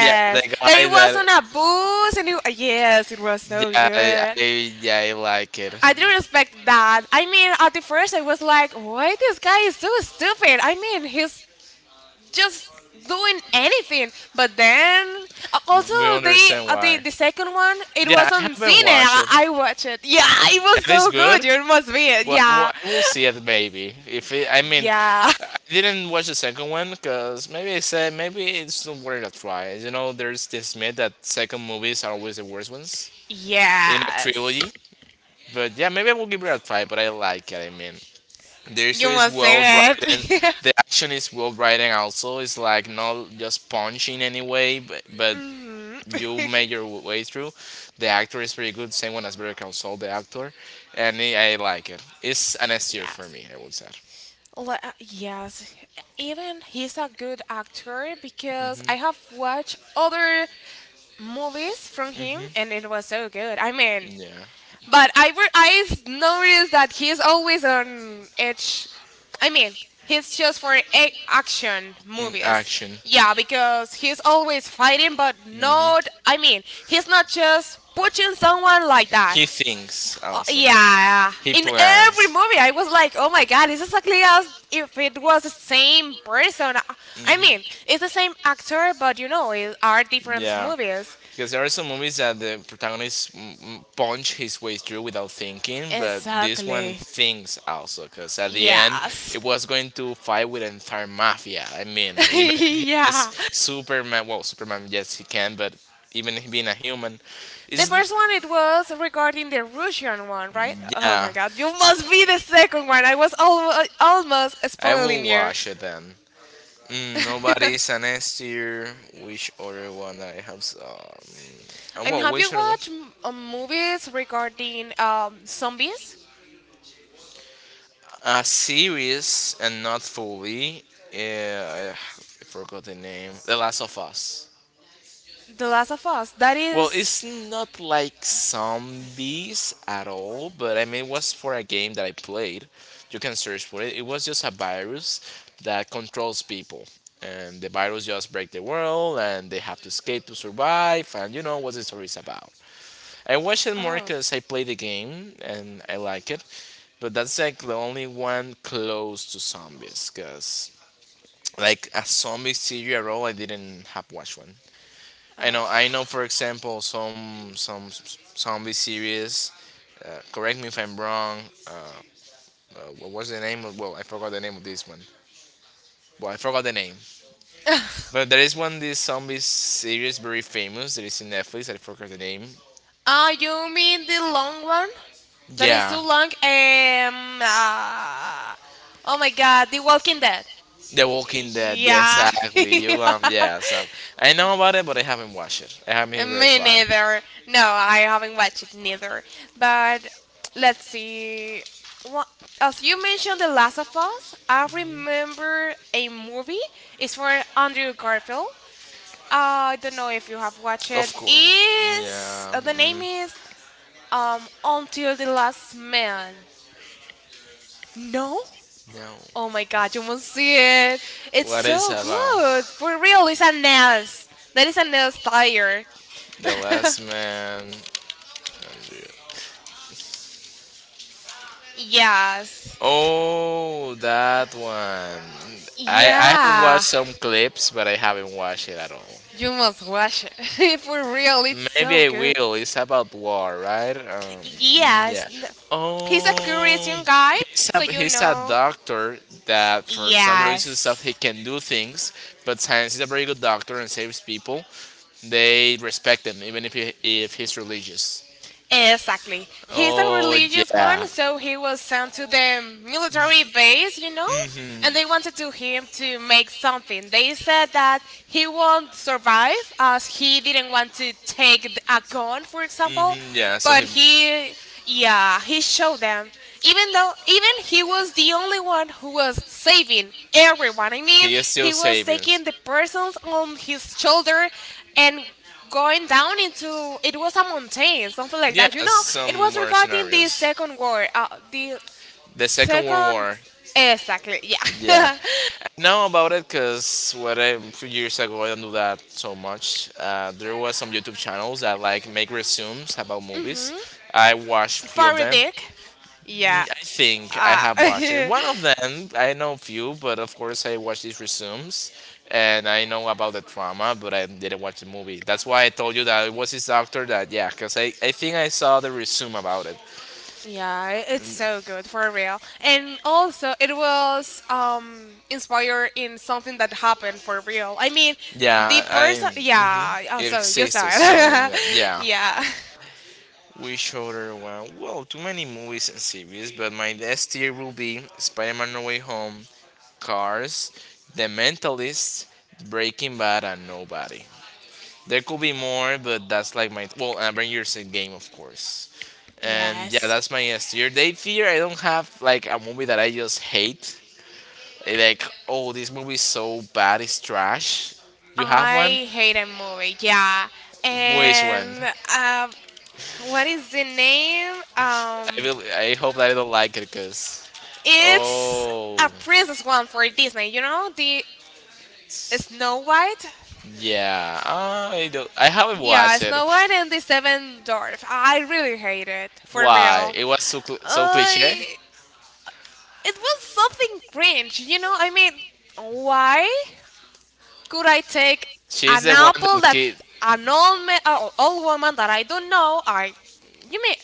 Speaker 1: Yeah, the
Speaker 2: That
Speaker 1: guy
Speaker 2: it was
Speaker 1: that,
Speaker 2: on a bus and it. Yes, it was so good.
Speaker 1: Yeah, I like it.
Speaker 2: I didn't expect that. I mean, at the first I was like, why this guy is so stupid? I mean, he's just doing anything. But then also
Speaker 1: We
Speaker 2: the
Speaker 1: understand
Speaker 2: uh, the
Speaker 1: why.
Speaker 2: the second one it
Speaker 1: Yeah,
Speaker 2: was
Speaker 1: I
Speaker 2: on
Speaker 1: haven't
Speaker 2: cine.
Speaker 1: watched it,
Speaker 2: I watched it. Yeah, it
Speaker 1: and
Speaker 2: was
Speaker 1: it's
Speaker 2: so
Speaker 1: good.
Speaker 2: good. You must be it.
Speaker 1: Well,
Speaker 2: Yeah,
Speaker 1: I will see it maybe. If it, I mean,
Speaker 2: yeah,
Speaker 1: I didn't watch the second one because maybe I said maybe it's not worth a try. There's this myth that second movies are always the worst ones in a
Speaker 2: yes.
Speaker 1: trilogy. But yeah, maybe I will give it a try. But I like it. The
Speaker 2: You
Speaker 1: history is
Speaker 2: must see
Speaker 1: well written,
Speaker 2: it.
Speaker 1: the action is well written also, it's like not just punching anyway, but
Speaker 2: Mhm.
Speaker 1: you make your way through. The actor is pretty good, same one as Better Call Saul, the actor. And I like it, it's an S tier for
Speaker 2: Yes.
Speaker 1: me I would say.
Speaker 2: Yes, even he's a good actor because I have watched other movies from him
Speaker 1: Hmm,
Speaker 2: and it was so good. I mean,
Speaker 1: yeah.
Speaker 2: but I've noticed that he's always on edge. I mean, he's just for action movies.
Speaker 1: Action.
Speaker 2: Yeah, because he's always fighting, but
Speaker 1: Mhm.
Speaker 2: not. I mean, he's not just punching someone like that.
Speaker 1: He thinks also.
Speaker 2: Yeah,
Speaker 1: He
Speaker 2: in every
Speaker 1: plans.
Speaker 2: movie, I was like, oh my god, it's exactly as if it was the same person. I mean,
Speaker 1: Mhm.
Speaker 2: it's the same actor, but you know, it are different
Speaker 1: Yeah.
Speaker 2: movies.
Speaker 1: Because there are some movies that the protagonist punch his way through without thinking, but this one
Speaker 2: Exactly.
Speaker 1: thinks also. Because at the end,
Speaker 2: Yes.
Speaker 1: it was going to fight with an entire mafia. I mean, even if he is
Speaker 2: Yeah.
Speaker 1: Superman, well, Superman, yes, he can, but even he being a human,
Speaker 2: The
Speaker 1: is,
Speaker 2: first one it was regarding the Russian one, right? Oh my
Speaker 1: yeah.
Speaker 2: god, you must be the second one. I was almost
Speaker 1: I
Speaker 2: spoiling
Speaker 1: will
Speaker 2: you.
Speaker 1: watch it then. Nobody's an S tier. Which other one I have?
Speaker 2: And
Speaker 1: Well,
Speaker 2: have you
Speaker 1: which other one?
Speaker 2: watched movies regarding zombies?
Speaker 1: A series and not fully. Yeah, I forgot the name. The Last of Us.
Speaker 2: The Last of Us. That
Speaker 1: Well, it's
Speaker 2: is.
Speaker 1: not like zombies at all, but I mean, it was for a game that I played. You can search for it. It was just a virus that controls people. And the virus just break the world, and they have to escape to survive, and you know what the story is about. I watch it more
Speaker 2: Oh.
Speaker 1: because I play the game and I like it, but that's like the only one close to zombies. Because like a zombie serial role, I didn't have watched one.
Speaker 2: Oh.
Speaker 1: I know. For example, some zombie series. Correct me if I'm wrong. What was the name of? Well, I forgot the name of this one. Well, I forgot the name. But there is one, this zombie series very famous that is in Netflix. I forgot the name.
Speaker 2: Ah, you mean the long one? That is
Speaker 1: Yeah.
Speaker 2: too long. Ah. Oh my god, The Walking Dead.
Speaker 1: The Walking Dead, yeah,
Speaker 2: Yeah.
Speaker 1: exactly. You yeah. So I know about it, but I haven't watched it. I haven't even
Speaker 2: Me
Speaker 1: tried.
Speaker 2: neither. No, I haven't watched it neither. But let's see. What, as you mentioned, The Last of Us, I remember a movie. It's for Andrew Garfield. I don't know if you have watched
Speaker 1: Of
Speaker 2: it.
Speaker 1: course,
Speaker 2: Is
Speaker 1: yeah.
Speaker 2: the name is Until the Last Man? No.
Speaker 1: No.
Speaker 2: Oh my God, you must see it. It's
Speaker 1: What is it
Speaker 2: so
Speaker 1: about?
Speaker 2: good. For real, it's a NES. That is a NES tire.
Speaker 1: The Last Man.
Speaker 2: Yes.
Speaker 1: Oh, that one. I have
Speaker 2: Yeah,
Speaker 1: watched some clips, but I haven't watched it at all.
Speaker 2: you must watch it. For real, it's so
Speaker 1: Maybe I
Speaker 2: good.
Speaker 1: will. It's about war, right? Yeah.
Speaker 2: Yes, he's a
Speaker 1: Oh,
Speaker 2: curious young guy, so you
Speaker 1: he's a
Speaker 2: know.
Speaker 1: doctor that for some religious stuff he
Speaker 2: Yes.
Speaker 1: can do things, but science is a very good doctor and saves people. They respect him even if he's religious.
Speaker 2: Exactly. He's a
Speaker 1: Oh
Speaker 2: religious
Speaker 1: yeah.
Speaker 2: one, so he was sent to the military base, you know? And they wanted to him to make something. They said that he won't survive as he didn't
Speaker 1: Mhm,
Speaker 2: want to take a gun, for example.
Speaker 1: hmm, yeah. So
Speaker 2: But
Speaker 1: he.
Speaker 2: he, yeah, he showed them. Even though, even he was the only one who was saving everyone. I mean,
Speaker 1: He is still
Speaker 2: he was
Speaker 1: saving.
Speaker 2: taking the persons on his shoulder and going down into it was a mountain, something like
Speaker 1: Yeah,
Speaker 2: that. You know, it
Speaker 1: some
Speaker 2: was
Speaker 1: worse
Speaker 2: regarding the
Speaker 1: scenarios.
Speaker 2: second war, the
Speaker 1: The Second World
Speaker 2: second
Speaker 1: War,
Speaker 2: exactly,
Speaker 1: yeah,
Speaker 2: yeah.
Speaker 1: I know about it because what I, a few years ago I don't do that so much. There was some YouTube channels that like make resumes about movies.
Speaker 2: Mhm.
Speaker 1: I watched few of
Speaker 2: Fairy
Speaker 1: them.
Speaker 2: Dick, yeah,
Speaker 1: I think I
Speaker 2: uh,
Speaker 1: have watched it. One of them I know few, but of course I watch these resumes, and I know about the drama, but I didn't watch the movie. That's why I told you that it was this actor that, yeah, because I think I saw the resume about it.
Speaker 2: yeah, it's so good for real. And also, it was inspired in something that happened for real. I mean, the
Speaker 1: Yeah, I it
Speaker 2: person, yeah. Oh, so you saw
Speaker 1: existed. In
Speaker 2: it,
Speaker 1: the- Yeah.
Speaker 2: yeah.
Speaker 1: We showed her one, well, too many movies and series, but my S tier will be Spider Man No Way Home, Cars, The Mentalist, Breaking Bad, and Nobody. There could be more, but that's like my. Well, and Avengers game, of course. And yeah,
Speaker 2: Yes.
Speaker 1: that's my S tier. They fear I don't have like a movie that I just hate. Like, oh, this movie is so bad, it's trash. You have one?
Speaker 2: I hate a movie. Yeah.
Speaker 1: Which one?
Speaker 2: And what is the name?
Speaker 1: I will. I hope that I don't like it, cause.
Speaker 2: It's
Speaker 1: Oh.
Speaker 2: a princess one for Disney. You know the Snow White.
Speaker 1: Yeah, I do. I haven't
Speaker 2: Yeah,
Speaker 1: watched it.
Speaker 2: Snow White and the Seven Dwarfs. I really hate it for
Speaker 1: Why?
Speaker 2: real.
Speaker 1: It was so cliche.
Speaker 2: I it was something cringe. You know. I mean, why? Could I take
Speaker 1: She's
Speaker 2: an
Speaker 1: the one
Speaker 2: apple
Speaker 1: that
Speaker 2: that
Speaker 1: kid.
Speaker 2: an old woman that I don't know? You mean,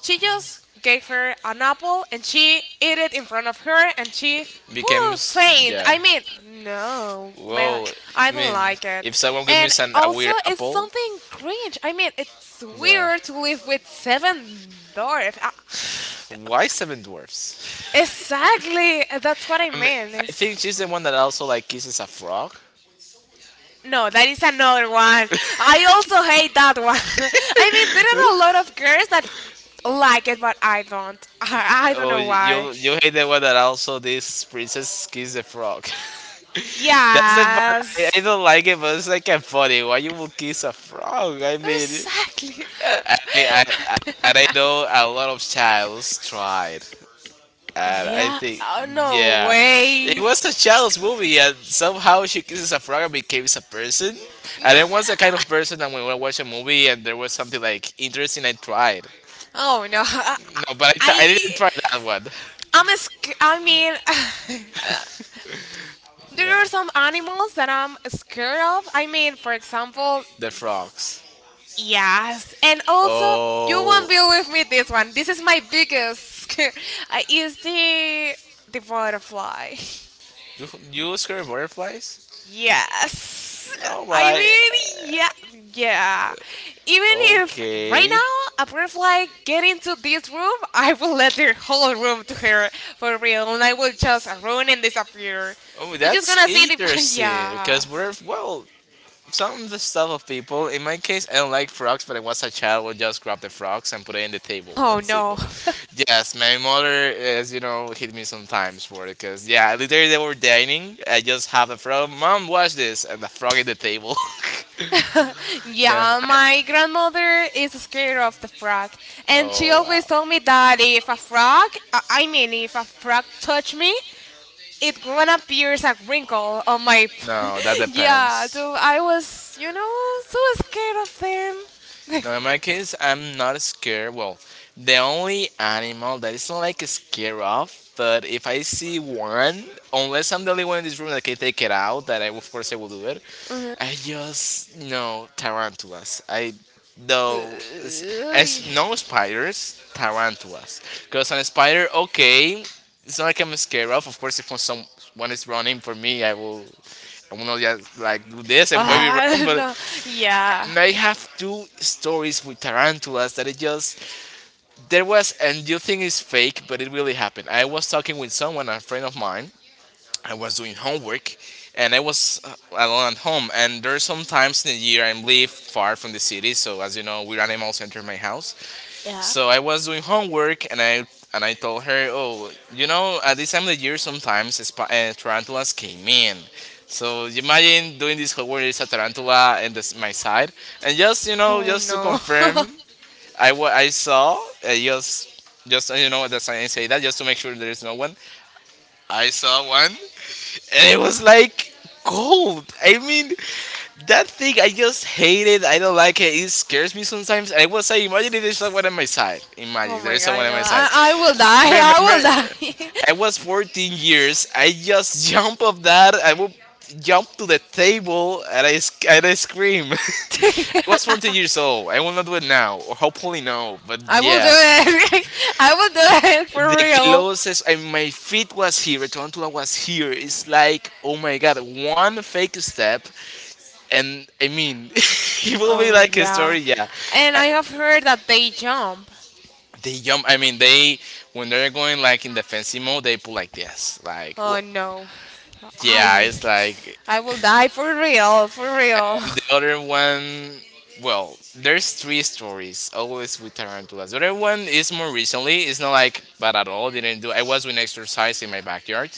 Speaker 2: she just gave her an apple and she ate it in front of her and she whew,
Speaker 1: Becomes,
Speaker 2: faint.
Speaker 1: yeah.
Speaker 2: I mean, no, man,
Speaker 1: Whoa.
Speaker 2: I
Speaker 1: I
Speaker 2: don't
Speaker 1: mean,
Speaker 2: like it.
Speaker 1: if someone gives
Speaker 2: And
Speaker 1: me an a
Speaker 2: also,
Speaker 1: weird
Speaker 2: it's
Speaker 1: apple,
Speaker 2: something cringe. I mean, it's
Speaker 1: yeah.
Speaker 2: weird to live with seven dwarf. I-
Speaker 1: Why seven dwarfs?
Speaker 2: exactly, that's what I
Speaker 1: I mean,
Speaker 2: mean.
Speaker 1: I think she's the one that also like kisses a frog.
Speaker 2: No, that is another one. I also hate that one. I mean, there are a lot of girls that like it, but I don't. I, don't
Speaker 1: Oh,
Speaker 2: know why.
Speaker 1: you hate the one that also this princess kiss the frog. That's the part
Speaker 2: Yes,
Speaker 1: I don't like it, but it's like a funny. Why you will kiss a frog? I mean,
Speaker 2: exactly.
Speaker 1: I and I know a lot of childs tried, and I
Speaker 2: Yeah.
Speaker 1: think
Speaker 2: Oh, no
Speaker 1: yeah, it
Speaker 2: way.
Speaker 1: was a child's movie, and somehow she kisses a frog and becomes a person. And I was the kind of person that when I watch a movie and there was something like interesting, I tried.
Speaker 2: Oh no. I.
Speaker 1: No, but I didn't
Speaker 2: I
Speaker 1: try that one.
Speaker 2: I'm a I mean, there
Speaker 1: Yeah.
Speaker 2: are some animals that I'm scared of. I mean, for example,
Speaker 1: The frogs.
Speaker 2: yes, and also you
Speaker 1: Oh.
Speaker 2: won't believe me this one. This is my biggest. I is the butterfly.
Speaker 1: You scare butterflies?
Speaker 2: Yes,
Speaker 1: Oh
Speaker 2: I
Speaker 1: my.
Speaker 2: mean yeah, yeah. Even if right
Speaker 1: Okay.
Speaker 2: now a butterfly get into this room, I will let the whole room to her for real, and I will just run and disappear.
Speaker 1: Oh,
Speaker 2: You're just
Speaker 1: that's
Speaker 2: gonna see the
Speaker 1: interesting.
Speaker 2: yeah.
Speaker 1: Because butterf, well, some of the stuff of people. In my case, I don't like frogs, but I was a child. Would just grab the frogs and put it in the table.
Speaker 2: Oh no.
Speaker 1: Yes, my mother is you know hit me sometimes for it because yeah, literally they were dining. I just have the frog. Mom, watch this, and the frog in the table. Yeah.
Speaker 2: Yeah, my grandmother is scared of the frog, and she
Speaker 1: Oh
Speaker 2: always told
Speaker 1: wow.
Speaker 2: me that if a frog, I mean, if a frog touch me, it gonna pierce a wrinkle on my.
Speaker 1: No, that
Speaker 2: Yeah,
Speaker 1: depends.
Speaker 2: so I was, you know, so scared of them.
Speaker 1: No, in my case, I'm not scared. Well, the only animal that is not like scared of, but if I see one, unless I'm the only one in this room that can take it out, that I of course I will do it. I just no tarantulas. I
Speaker 2: Uh,
Speaker 1: though as, as no spiders, tarantulas. Because on a spider, okay, it's not like I'm scared of. Of course, if someone is running for me, I will not just like do this. I will maybe
Speaker 2: ah,
Speaker 1: run, but
Speaker 2: no, yeah,
Speaker 1: and I have two stories with tarantulas that it just there was and you think it's fake, but it really happened. I was talking with someone, a friend of mine. I was doing homework, and I was alone at home. And there are some times in the year I live far from the city, so as you know, we're animal center in my house.
Speaker 2: yeah.
Speaker 1: So I was doing homework, and I told her, "Oh, you know, at this time of the year, sometimes tarantulas came in. So you imagine doing this homework, there's a tarantula in my side, and just you know,
Speaker 2: Oh
Speaker 1: just to
Speaker 2: no.
Speaker 1: confirm, I saw, I just you know, at the sign say that just to make sure there's no one. I saw one, and it was like gold. I mean, that thing I just hate it. I don't like it. It scares me sometimes. And I was like, imagine if there's someone on my side.
Speaker 2: Oh
Speaker 1: Imagine there
Speaker 2: my
Speaker 1: is someone
Speaker 2: god,
Speaker 1: on
Speaker 2: no.
Speaker 1: my side.
Speaker 2: I will die.
Speaker 1: Remember,
Speaker 2: I will
Speaker 1: I was 14 years. I just jump off that. I will jump to the table and and I scream.
Speaker 2: die.
Speaker 1: I was 14 years old. I will not do it now, or hopefully no. But
Speaker 2: I will do
Speaker 1: yeah.
Speaker 2: it. I will do it for
Speaker 1: The
Speaker 2: real.
Speaker 1: closest, and my feet was here, a tarantula was here. It's like, oh my god, one fake step, and I mean it will be
Speaker 2: Oh
Speaker 1: like a
Speaker 2: yeah.
Speaker 1: story, yeah.
Speaker 2: And
Speaker 1: Uh,
Speaker 2: I have heard that they jump.
Speaker 1: they jump. I mean they When they're going like in defensive mode, they pull like this, like, well,
Speaker 2: Oh no.
Speaker 1: yeah,
Speaker 2: I
Speaker 1: it's like.
Speaker 2: I will die for real, for real.
Speaker 1: And the other one, well, there's 3 stories always with tarantulas. The other one is more recently. It's not like bad at all. Didn't do. I was doing exercise in my backyard,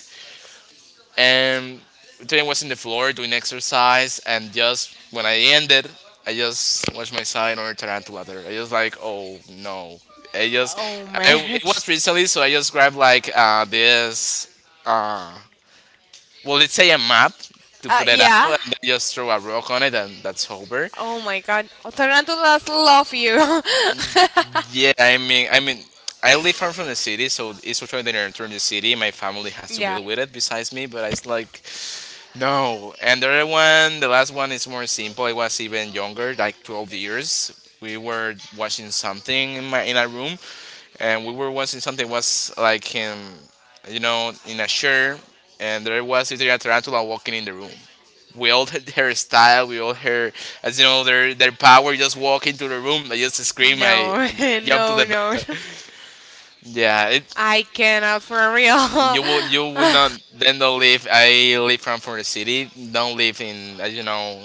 Speaker 1: and today I was in the floor doing exercise, and just when I ended, I just watched my side or tarantula there. I just like, oh no! I just
Speaker 2: Oh
Speaker 1: I,
Speaker 2: man.
Speaker 1: it was pretty silly, so I just grabbed like this well, let's say a map to put it out,
Speaker 2: Yeah.
Speaker 1: and then just throw a rock on it, and that's over.
Speaker 2: Oh my god. Tarantulas love you.
Speaker 1: Yeah, I mean, I live far from the city, so it's actually the turn the city. My family has to
Speaker 2: Yeah.
Speaker 1: deal with it besides me, but it's like. No, and the other one, the last one is more simple. It was even younger, like 12 years. We were watching something in my in a room, and we were watching something was like him, you know, in a shirt, and there was literally a tarantula walking in the room. We all had her style, we all her, as you know, their power. Just walk into the room, they just scream, I
Speaker 2: No.
Speaker 1: jump to
Speaker 2: No,
Speaker 1: the.
Speaker 2: no.
Speaker 1: Yeah, it,
Speaker 2: I cannot for real.
Speaker 1: you will you will not then don't live. I live from for the city. Don't live in you know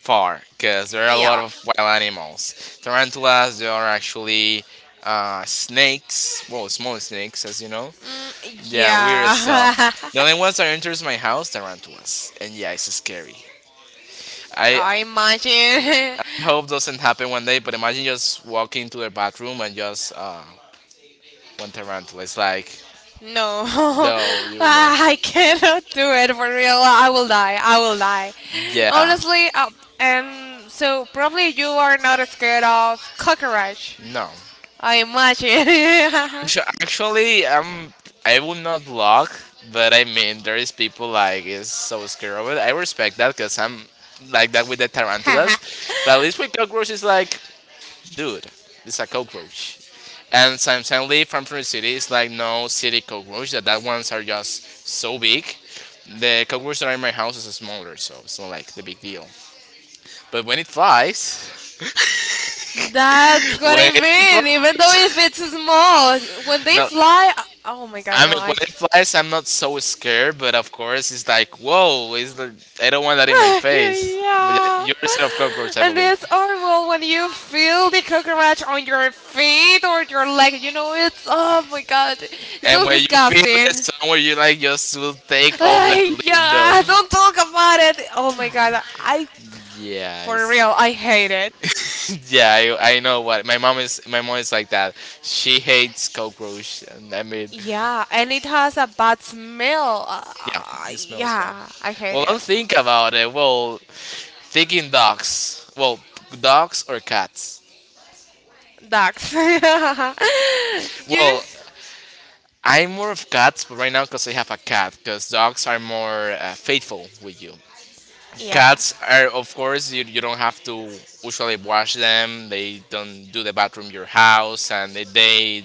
Speaker 1: far, because there are a lot
Speaker 2: Yeah.
Speaker 1: of wild animals. Tarantulas. They are actually snakes. Well, small snakes, as you know.
Speaker 2: Mm,
Speaker 1: Yeah, weird
Speaker 2: yeah.
Speaker 1: stuff. The only ones that enters my house tarantulas, and yeah, it's scary. I
Speaker 2: I imagine
Speaker 1: hope doesn't happen one day. But imagine just walking to the bathroom and just one tarantula. It's like
Speaker 2: no,
Speaker 1: no, you
Speaker 2: I cannot do it for real. I will die. I will die.
Speaker 1: yeah
Speaker 2: Honestly, and so probably you are not scared of cockroach.
Speaker 1: no.
Speaker 2: I imagine.
Speaker 1: So actually, I would not block, but I mean, there is people like is so scared of it. I respect that, because I'm like that with the tarantulas, but at least with cockroaches, like, dude, it's a cockroach. And since I live from the city, it's like no city cockroach. That ones are just so big. The cockroach that are in my house is smaller, so it's not like the big deal. But when it flies,
Speaker 2: That's what
Speaker 1: when
Speaker 2: I
Speaker 1: it
Speaker 2: mean. Even though if
Speaker 1: flies,
Speaker 2: it's small, when they
Speaker 1: no.
Speaker 2: fly, oh my god,
Speaker 1: I
Speaker 2: no,
Speaker 1: mean,
Speaker 2: I
Speaker 1: when it flies, I'm not so scared, but of course, it's like, whoa, it's the, I don't want that in my face. But yeah,
Speaker 2: yeah.
Speaker 1: you're scared of cockroach, I
Speaker 2: And
Speaker 1: believe.
Speaker 2: it's horrible when you feel the cockroach on your feet or your leg. You know, it's oh my god, it's
Speaker 1: And
Speaker 2: so
Speaker 1: when you feel
Speaker 2: disgusting.
Speaker 1: it somewhere, you like just will take off that leaf, though.
Speaker 2: Yeah, don't talk about it. Oh my god, I for
Speaker 1: Yes.
Speaker 2: real, I hate it.
Speaker 1: Yeah, I know what my mom is. My mom is like that. She hates cockroach, and I mean,
Speaker 2: Yeah, and it has a bad smell.
Speaker 1: yeah, it smells bad.
Speaker 2: Yeah, I hate
Speaker 1: Well, don't
Speaker 2: it.
Speaker 1: think about it. Well, thinking dogs. Well, dogs or cats.
Speaker 2: Ducks. You.
Speaker 1: Well, I'm more of cats, but right now because I have a cat, because dogs are more faithful with you.
Speaker 2: Yeah.
Speaker 1: Cats are, of course, you don't have to usually wash them. They don't do the bathroom in your house, and they, they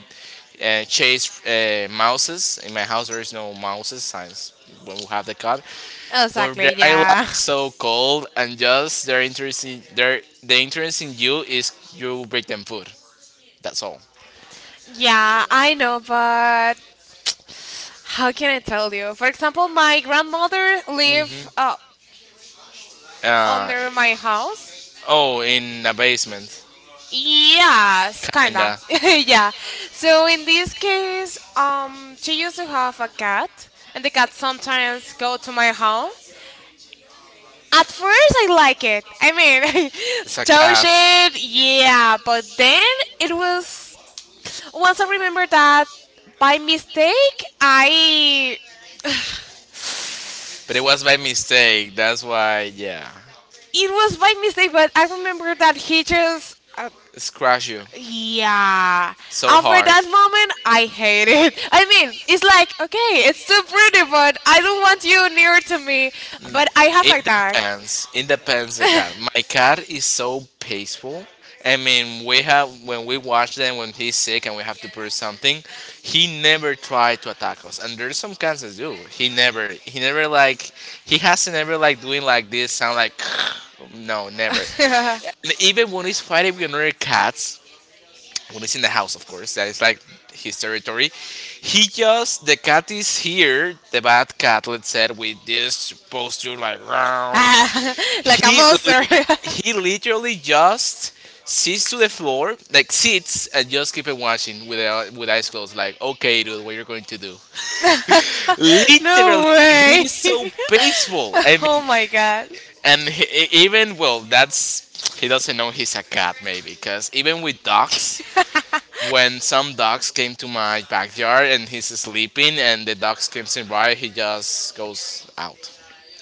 Speaker 1: uh, chase mouses. In my house, there is no mouses since when we have the cat. But
Speaker 2: Exactly.
Speaker 1: they are
Speaker 2: Yeah.
Speaker 1: like so cold, and just their interest in their the interest in you is you bring them food. That's all.
Speaker 2: Yeah, I know, but how can I tell you? For example, my grandmother live
Speaker 1: Uh,
Speaker 2: under my house.
Speaker 1: oh, in the basement,
Speaker 2: Yes, kinda.
Speaker 1: kinda.
Speaker 2: Yeah. So in this case, she used to have a cat, and the cat sometimes go to my home. At first, I like it. I mean,
Speaker 1: It's a
Speaker 2: touch
Speaker 1: cat.
Speaker 2: it, yeah. But then it was once I remember that by mistake I
Speaker 1: But it was by mistake. That's why, yeah.
Speaker 2: it was by mistake, but I remember that he just.
Speaker 1: It scratched you
Speaker 2: Yeah.
Speaker 1: so
Speaker 2: After
Speaker 1: hard.
Speaker 2: that moment, I hate it. I mean, it's like, okay, it's too pretty, but I don't want you near to me. But I have
Speaker 1: It
Speaker 2: a dog.
Speaker 1: depends. It depends the cat. My cat is so peaceful. I mean, we have when we watch them when he's sick and we have to put something, he never tried to attack us. And there's some cats that do. He hasn't ever like doing like this sound like, no, never. And even when he's fighting with another cats, when he's in the house, of course, that is like his territory. He just the cat is here, the bad cat, let's say, with this posture like round,
Speaker 2: Ah, like a
Speaker 1: he
Speaker 2: monster.
Speaker 1: lit he literally just sits to the floor, like sits and just keep on watching with eyes closed, like okay, dude, what you're going to do?
Speaker 2: No
Speaker 1: Literally,
Speaker 2: way.
Speaker 1: he's so peaceful. I
Speaker 2: Oh
Speaker 1: mean,
Speaker 2: my god.
Speaker 1: and he, even well, that's he doesn't know he's a cat maybe, because even with dogs. When some dogs came to my backyard and he's sleeping, and the dogs came in by, he just goes out.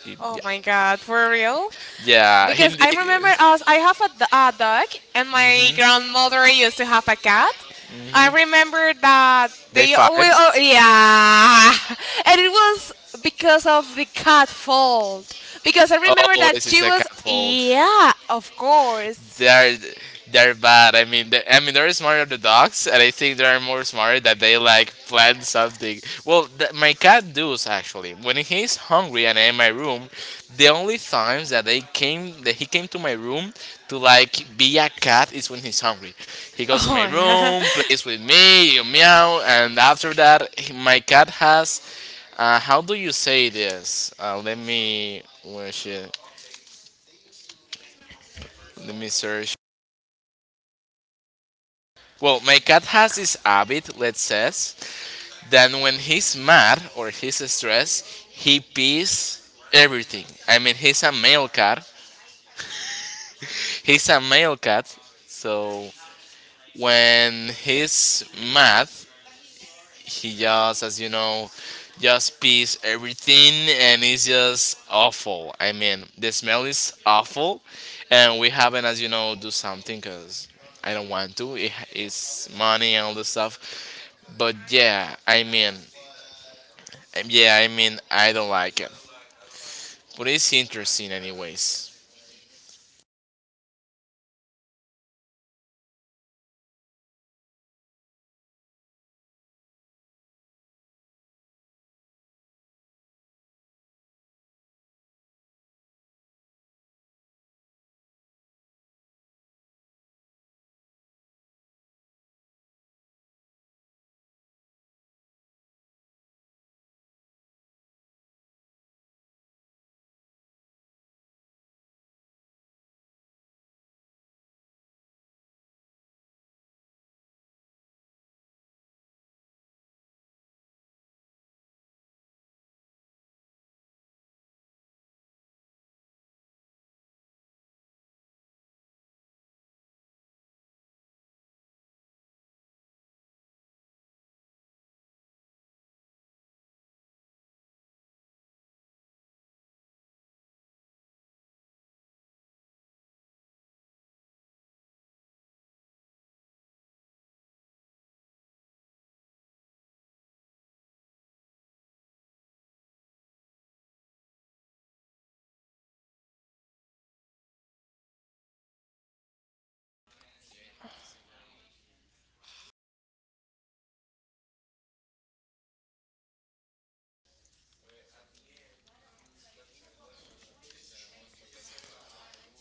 Speaker 1: He-
Speaker 2: Oh
Speaker 1: yeah,
Speaker 2: my god, for real?
Speaker 1: yeah. He,
Speaker 2: Because I remember us, I have a dog, and my grandmother used to have a cat. I remember that
Speaker 1: they
Speaker 2: they
Speaker 1: five.
Speaker 2: always, oh, yeah, and it was because of the cat fault. Because I remember that
Speaker 1: Always is
Speaker 2: she
Speaker 1: a
Speaker 2: was,
Speaker 1: catfold.
Speaker 2: yeah, of
Speaker 1: they're
Speaker 2: course.
Speaker 1: they're bad. I mean, they're smarter the dogs, and I think they're more smart that they like plan something. Well, my cat does actually. When he's hungry and in my room, the only times that they came that he came to my room to like be a cat is when he's hungry. He goes to my
Speaker 2: Oh,
Speaker 1: room, plays with me, meow, and after that, he- my cat has. How do you say this? Let me. Where is she? Let me search. Well, my cat has this habit, let's say, that when he's mad or he's stressed, he pees everything. I mean, he's a male cat. He's a male cat, so when he's mad, he just, as you know, just pees everything, and it's just awful. I mean, the smell is awful, and we haven't, as you know, do something because I don't want to. It's money and all the stuff. But yeah, I mean, I don't like it. But it's interesting, anyways.
Speaker 2: yeah.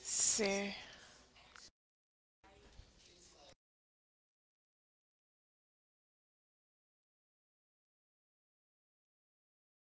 Speaker 2: Sí.